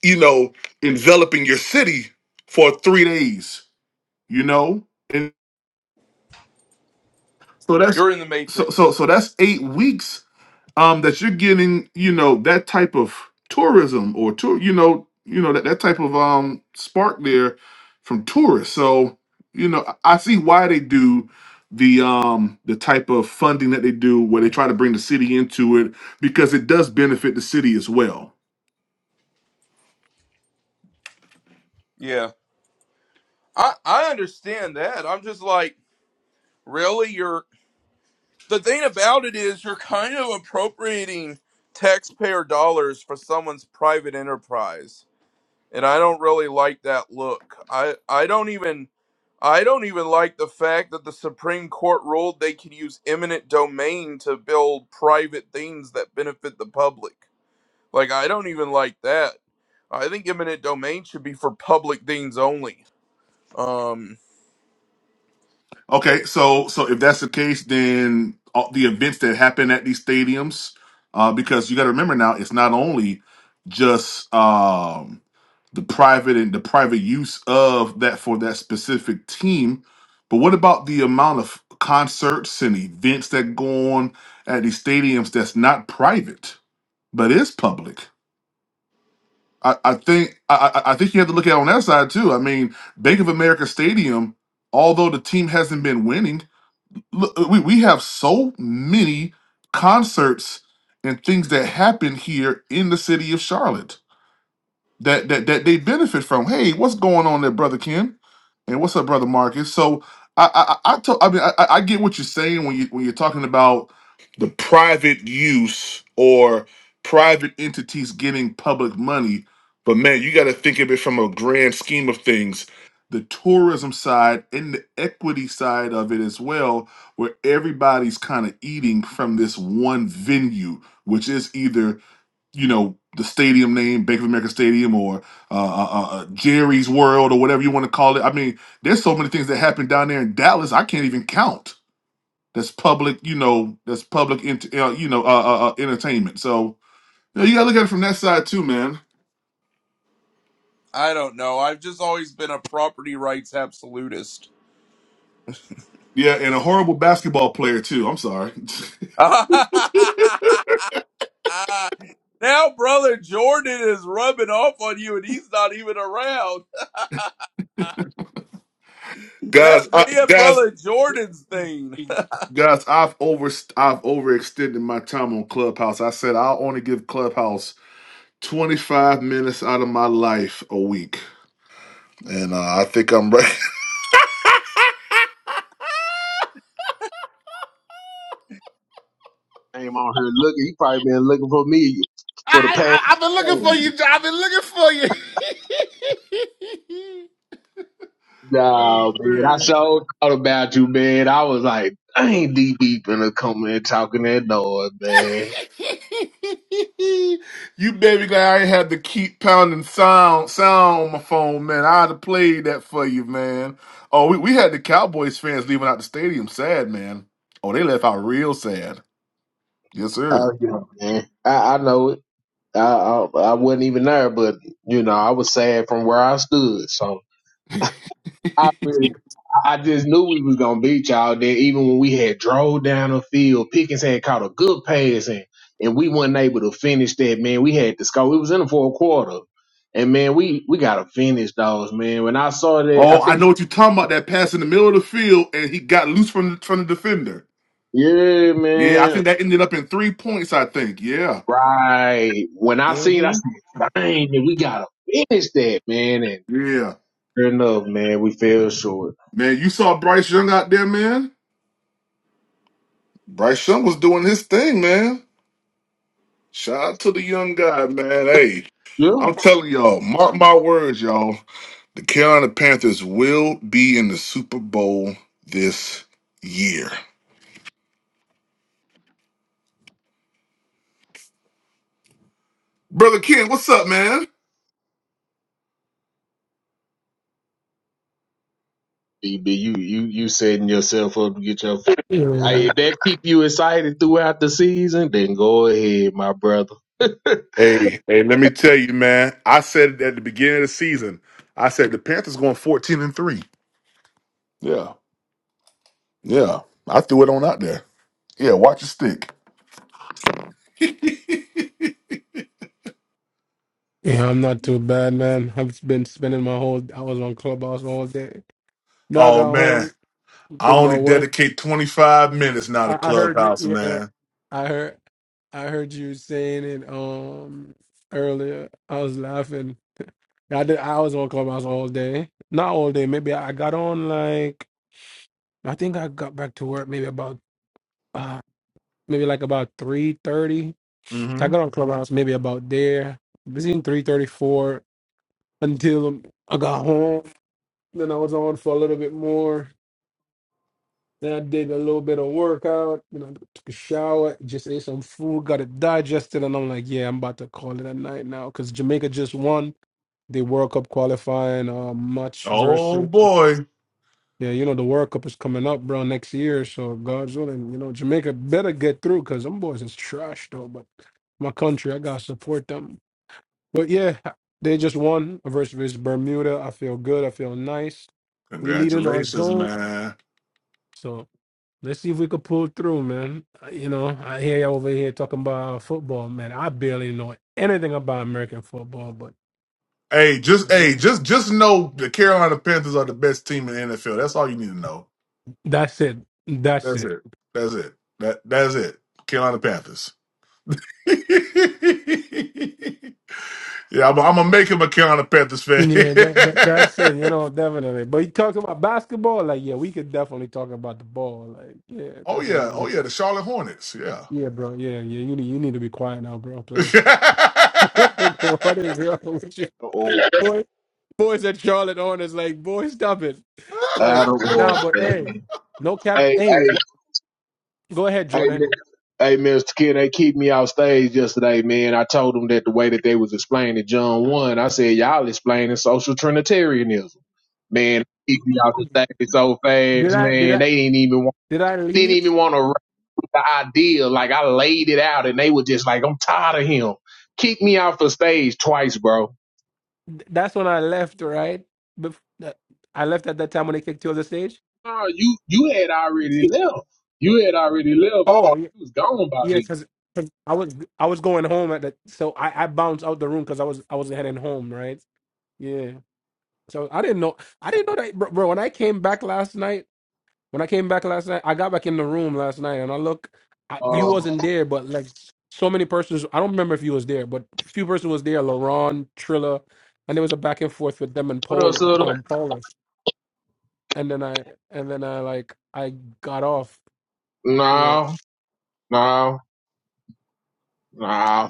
S3: you know, enveloping your city for three days, you know, and so that's
S2: You're in the
S3: so so
S2: matrix.
S3: so that's eight weeks um that you're getting you know that type of tourism or tour you know you know that, that type of um spark there from tourists so you know i I see why they do the um the type of funding that they do where they try to bring the city into it because it does benefit the city as well
S2: Yeah. I I understand that. I'm just like, really you're the thing about it is you're kind of appropriating taxpayer dollars for someone's private enterprise. And I don't really like that look. I I don't even I don't even like the fact that the Supreme Court ruled they can use eminent domain to build private things that benefit the public. Like, I don't even like that. I think eminent domain should be for public things only. Um,
S3: okay so so if that's the case then all the events that happen at these stadiums uh because you got to remember now it's not only just um the private and the private use of that for that specific team. But what about the amount of concerts and events that go on at these stadiums that's not private but is public? I, I think I, I I think you have to look at it on that side too. I mean, Bank of America Stadium, although the team hasn't been winning, look, we, we have so many concerts and things that happen here in the city of Charlotte that that that they benefit from. Hey, what's going on there, brother Ken? And what's up, brother Marcus? So I I I, I, to, I mean I, I I get what you're saying when you when you're talking about the private use or private entities getting public money. But man, you got to think of it from a grand scheme of things. The tourism side and the equity side of it as well, where everybody's kind of eating from this one venue, which is either you know the stadium name, Bank of America Stadium, or uh, uh, uh, uh, Jerry's World, or whatever you want to call it. I mean, there's so many things that happen down there in Dallas. I can't even count. That's public, you know. That's public, ent- uh, you know, uh, uh, uh, entertainment. So you, know, you gotta look at it from that side too, man.
S2: I don't know. I've just always been a property rights absolutist.
S3: Yeah, and a horrible basketball player too. I'm sorry,
S2: now, brother Jordan is rubbing off on you, and he's not even around.
S3: guys.
S2: That's me
S3: I,
S2: and
S3: guys,
S2: brother Jordan's thing.
S3: guys. I've over I've overextended my time on Clubhouse. I said I'll only give Clubhouse 25 minutes out of my life a week. and uh, I think I'm ready.
S4: name on here looking. He probably been looking for me for the
S3: I,
S4: past.
S3: I I've been looking for you. John. I've been looking for you.
S4: No,
S3: oh
S4: man. I
S3: man,
S4: so thought about you, man. I was like, I ain't DB finna come in talking that noise, man.
S3: you baby glad I ain't had to keep pounding sound sound on my phone, man. I'd have played that for you, man. Oh, we, we had the Cowboys fans leaving out the stadium, sad man. Oh, they left out real sad. Yes,
S4: Oh,
S3: sir.
S4: yeah, man. I, I know it. I, I I wasn't even there, but you know, I was sad from where I stood. So I really, I just knew we was gonna beat y'all there. Even when we had drove down the field, Pickens had caught a good pass and and we wasn't able to finish that. Man, we had to score. It was in the fourth quarter. And man, we we gotta finish those, man. When I saw that, I
S3: Oh,
S4: think
S3: I
S4: we
S3: know what you're talking about. That pass in the middle of the field, and he got loose from from the defender.
S4: Yeah,
S3: Yeah, I
S4: man.
S3: think that ended up in three points, I think. Yeah.
S4: Right. When I seen, it, I
S3: hmm
S4: said, "Dang, man, we gotta finish that, man." And
S3: Yeah.
S4: sure enough, man, we fell short.
S3: Man, you saw Bryce Young out there, man. Bryce Young was doing his thing, man. Shout out to the young guy, man. Hey,
S4: Yeah,
S3: I'm telling y'all, mark my words, y'all. The Carolina Panthers will be in the Super Bowl this year. Brother Ken, what's up, man?
S4: BB, you you you setting yourself up to get your. finish. Hey,
S9: Yeah,
S4: if that keep you excited throughout the season, then go ahead, my brother.
S3: Hey, hey, let me tell you, man. I said it at the beginning of the season, I said the Panthers going 14 and 3. Yeah. Yeah. I threw it on out there. Yeah, watch your stick.
S9: yeah, I'm not too bad, man. I've been spending my whole. I was on Clubhouse all day. Now I
S3: oh
S9: got
S3: man,
S9: home,
S3: I
S9: did my
S3: only
S9: work.
S3: dedicate 25 minutes now to
S9: I, I heard you.
S3: Clubhouse,
S9: Yeah,
S3: man.
S9: I heard. I heard you saying it um earlier. I was laughing. I did. I was on Clubhouse all day. Not all day. Maybe I got on like. I think I got back to work maybe about uh maybe like about three thirty. So I
S3: hmm
S9: got on Clubhouse maybe about there between three thirty four until I got home. Then I was on for a little bit more. Then I did a little bit of workout. You know, took a shower, just ate some food, got it digested, and I'm like, yeah, I'm about to call it a night now because Jamaica just won the World Cup qualifying uh, match
S3: Oh
S9: versus.
S3: boy,
S9: Yeah, you know the World Cup is coming up, bro, next year. So God's willing, you know Jamaica better get through because them boys is trash though. But my country, I gotta support them. But yeah, they just won versus Bermuda. I feel good. I feel nice. We lead in our
S3: congratulations,
S9: zone,
S3: man.
S9: so. Let's see if we could pull through, man. Uh, You know, I hear you over here talking about football, man. I barely know anything about American football, but
S3: Hey, just
S9: you
S3: hey,
S9: know,
S3: just just know the Carolina Panthers are the best team in the NFL. That's all you need to know.
S9: that's it. That's
S3: That's
S9: it.
S3: it. That's it. That that's it. Carolina Panthers. yeah, I'm, I'm gonna make him a Carolina Panthers fan.
S9: Yeah, that, that that's it. You know, definitely. But you talking about basketball, like yeah, we could definitely talk about the ball, like yeah,
S3: oh
S9: definitely.
S3: yeah, oh
S9: That's-
S3: yeah, the Charlotte Hornets. Yeah.
S9: Yeah, bro. Yeah, yeah. You need you need to be quiet now, bro. Please.
S3: well,
S9: what is wrong with you?
S4: Or
S9: Boy, boys at Charlotte Hornets, like boy, stop it. Like
S4: out of
S9: nah,
S4: order,
S9: but hey,
S4: baby.
S9: no cap.
S4: Hey,
S9: Hey,
S4: hey,
S9: Go ahead,
S4: Hey, Mi-
S9: Jordan.
S4: hey, Mr. Kid, they kicked me off stage yesterday, man. I told them that the way that they was explaining John one, I said y'all explaining social trinitarianism, man. they Kicked me off the stage so
S9: Did
S4: fast,
S9: I did
S4: man.
S9: I
S4: They didn't even want,
S9: did I
S4: didn't
S9: leave?
S4: even want to write the idea. Like I laid it out, and they were just like, "I'm tired of him." Kick me off the stage twice, bro.
S9: Th- That's when I left, right? Bef- that- I left at that time when they kicked you off the stage.
S4: Oh, you you had
S9: Yes.
S4: already left. You had already left.
S9: Oh
S4: Oh,
S9: yeah,
S4: you was gone by
S9: yeah,
S4: then.
S9: because I was I was going home at that, so I, I bounced out the room because I was I was heading home, right? Yeah. So I didn't know I didn't know that, bro. bro when I came back last night. When I came back last night, I got back in the room last night, and I look, I, you
S4: Um,
S9: wasn't there, but like so many persons, I don't remember if you was there, but a few persons was there, LaRon, Trilla, and there was a back and forth with them and
S4: what up,
S9: Poland,
S4: Sutter?
S9: um, Paula, and then I, and then I like, I got off. Yeah,
S4: No, no, no.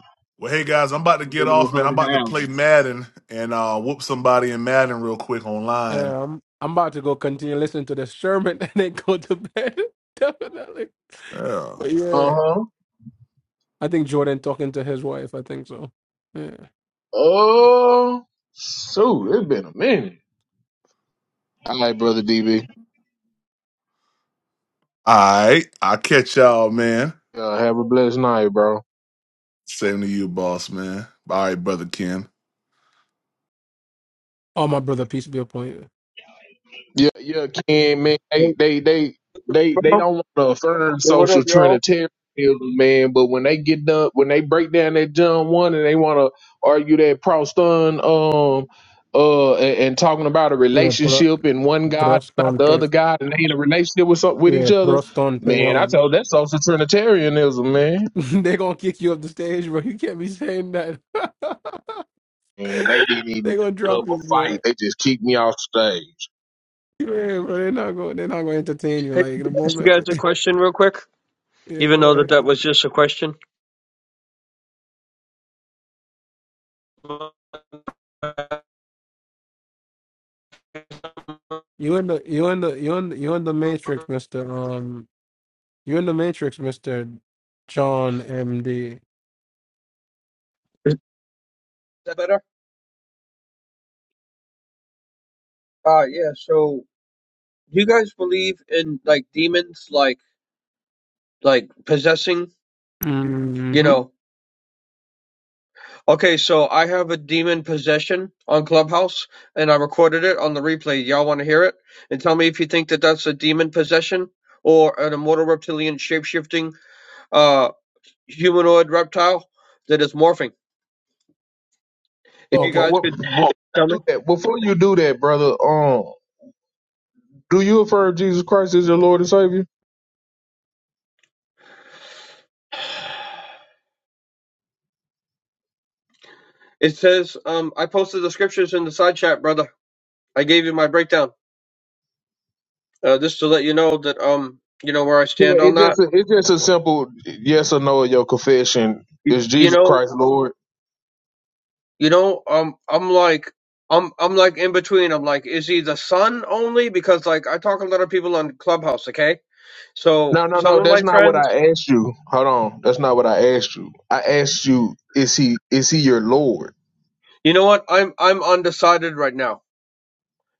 S3: hey guys, I'm about to get
S4: Little
S3: off, man. I'm about
S4: honey
S3: to play
S4: houses.
S3: Madden and uh, whoop somebody in Madden real quick online.
S9: um, I'm about to go continue listening to the sermon and then go to bed. Definitely,
S3: Yeah. All
S9: but
S4: Uh
S9: yeah,
S4: huh.
S9: I think Jordan talking to his wife. I think so. Yeah.
S4: Oh, so it's been a minute. All right, brother DB.
S3: right, I'll catch y'all, man.
S4: Uh, have a blessed night, bro.
S3: Same to you, boss, man. All right, brother Ken.
S9: Oh, my brother, peace be upon you.
S4: Yeah, yeah, Ken, man.
S10: Hey,
S4: They, they, they, they, they
S10: bro.
S4: don't want to affirm
S10: Hey, what
S4: social
S10: up, y'all?
S4: trinitarianism, man. But when they get done, when they break down that John one, and they want to argue that Proston, um, uh, and, and talking about a
S9: Yeah,
S4: relationship and one God, not the
S9: bro,
S4: other God, and they in a relationship with some- with
S9: Yeah,
S4: each other,
S9: Proston
S4: man. I
S9: Peon.
S4: told that's social trinitarianism, man.
S9: They're gonna kick you up the stage, bro. You can't be saying that.
S4: and they didn't even
S9: They're gonna
S4: put
S9: drop
S4: up a
S9: you,
S4: fight.
S9: bro.
S4: They just kicked me off stage.
S9: Yeah, bro. They're not gonna they're not gonna entertain you
S10: Hey,
S9: like
S10: can
S9: in a
S10: I ask you
S9: moment.
S10: guys a question real quick,
S9: yeah,
S10: even
S9: go
S10: though that that
S9: ahead.
S10: was just a question.
S9: You in the you in the you in the, you in the matrix, Mister. Um, you in the matrix, Mister. John M.D.
S10: Is that better? Uh, yeah. So, do you guys believe in like demons, like like possessing? You
S9: Mm-hmm.
S10: know. Okay, so I have a demon possession on Clubhouse, and I recorded it on the replay. Y'all want to hear it? And tell me if you think that that's a demon possession or an immortal reptilian shapeshifting uh humanoid reptile that is morphing. If you
S4: But what,
S9: Okay.
S10: guys
S4: what,
S10: could tell me.
S4: what, before you do that, brother, um, do you affirm Jesus Christ as your Lord and Savior?
S10: It says, um, I posted the scriptures in the side chat, brother. I gave you my breakdown. Uh, just to let you know that, um, you know where I
S4: Yeah,
S10: stand on
S4: it's just
S10: that.
S4: a, it's just a simple yes or no of your confession.
S10: You,
S4: Is
S10: you
S4: Jesus
S10: know,
S4: Christ Lord?
S10: you know, um, I'm like, I'm, I'm like in between. I'm like, is he the son only? Because like, I talk to a lot of people on Clubhouse. Okay, so
S4: No, no, no.
S10: some of
S4: That's
S10: my
S4: not what
S10: friends,
S4: I asked you. Hold on. That's not what I asked you. I asked you, is he is he your Lord?
S10: you know what? I'm, I'm undecided right now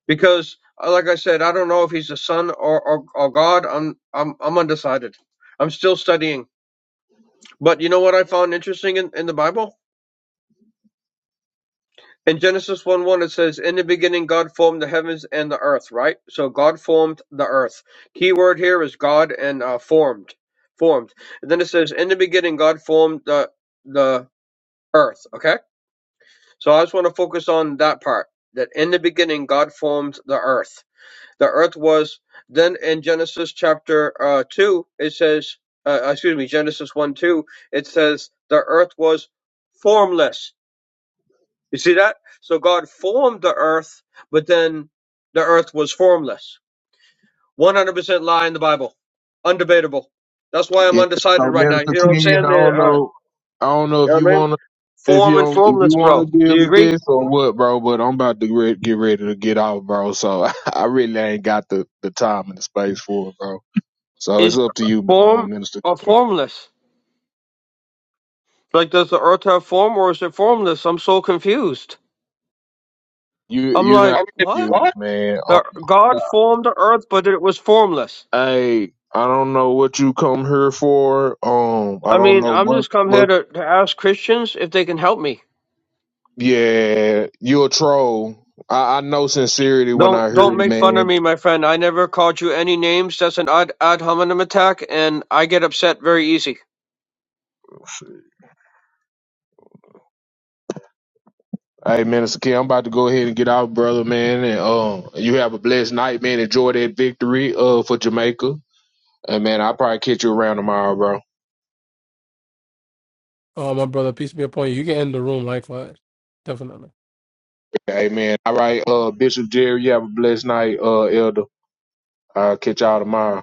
S10: because, uh, like I said, I don't know if he's the son or, or, or God. I'm, I'm, I'm undecided. I'm still studying. But you know what I found interesting in, in the Bible? In Genesis 1 1, it says, In the beginning, God formed the heavens and the earth, right? So God formed the earth. Key word here is God and uh, formed. Formed. And then it says, In the beginning, God formed the, the earth, okay? So I just want to focus on that part. That in the beginning, God formed the earth. The earth was, then in Genesis chapter uh, 2, it says, uh, excuse me, Genesis 1 2, it says, The earth was formless you see that? So God formed the earth, but then the earth was formless. 100% lie in the Bible. Undebatable. That's why I'm
S4: Yeah.
S10: undecided
S4: So
S10: right now. You
S4: Minister
S10: know what I'm
S4: King, I
S10: saying?
S4: don't
S10: There, uh, you
S4: know I don't know if
S10: know
S4: you
S10: what I mean?
S4: wanna if you
S10: Form and
S4: don't, if you
S10: formless,
S4: wanna
S10: bro. Do
S4: deal
S10: you
S4: with
S10: agree?
S4: this or what, bro, but I'm about to re- get ready to get off, bro. So I really ain't got the, the time and the space for it, bro. So
S10: Is
S4: it's up to you, um,
S10: form
S4: Minister.
S10: or formless? Like, does the earth have form or is it formless? I'm so confused.
S4: You
S10: I'm
S4: you
S10: like,
S4: not you
S10: what?
S4: what? man. Um,
S10: The, God formed the earth, but it was formless.
S4: Hey, I don't know what you come here for. Um, I
S10: I
S4: don't
S10: mean,
S4: know
S10: I'm
S4: what
S10: just come here
S4: what.
S10: to, to ask Christians if they can help me.
S4: Yeah, you a troll. I, I know sincerity when
S10: Don't
S4: I hear
S10: don't
S4: it,
S10: make fun of
S4: man.
S10: me, my friend. I never called you any names. That's an ad ad hominem attack, and I get upset very easy.
S4: Hey, Minister Kim. I'm about to go ahead and get out, brother, man. And um, you have a blessed night, man. Enjoy that victory uh, for Jamaica. And, man, I'll probably catch you around tomorrow, bro.
S9: Uh, my brother, peace be upon you. You can end the room likewise. Definitely.
S4: Amen. All right, uh, Bishop Jerry, you have a blessed night, uh, Elder. I'll catch y'all tomorrow.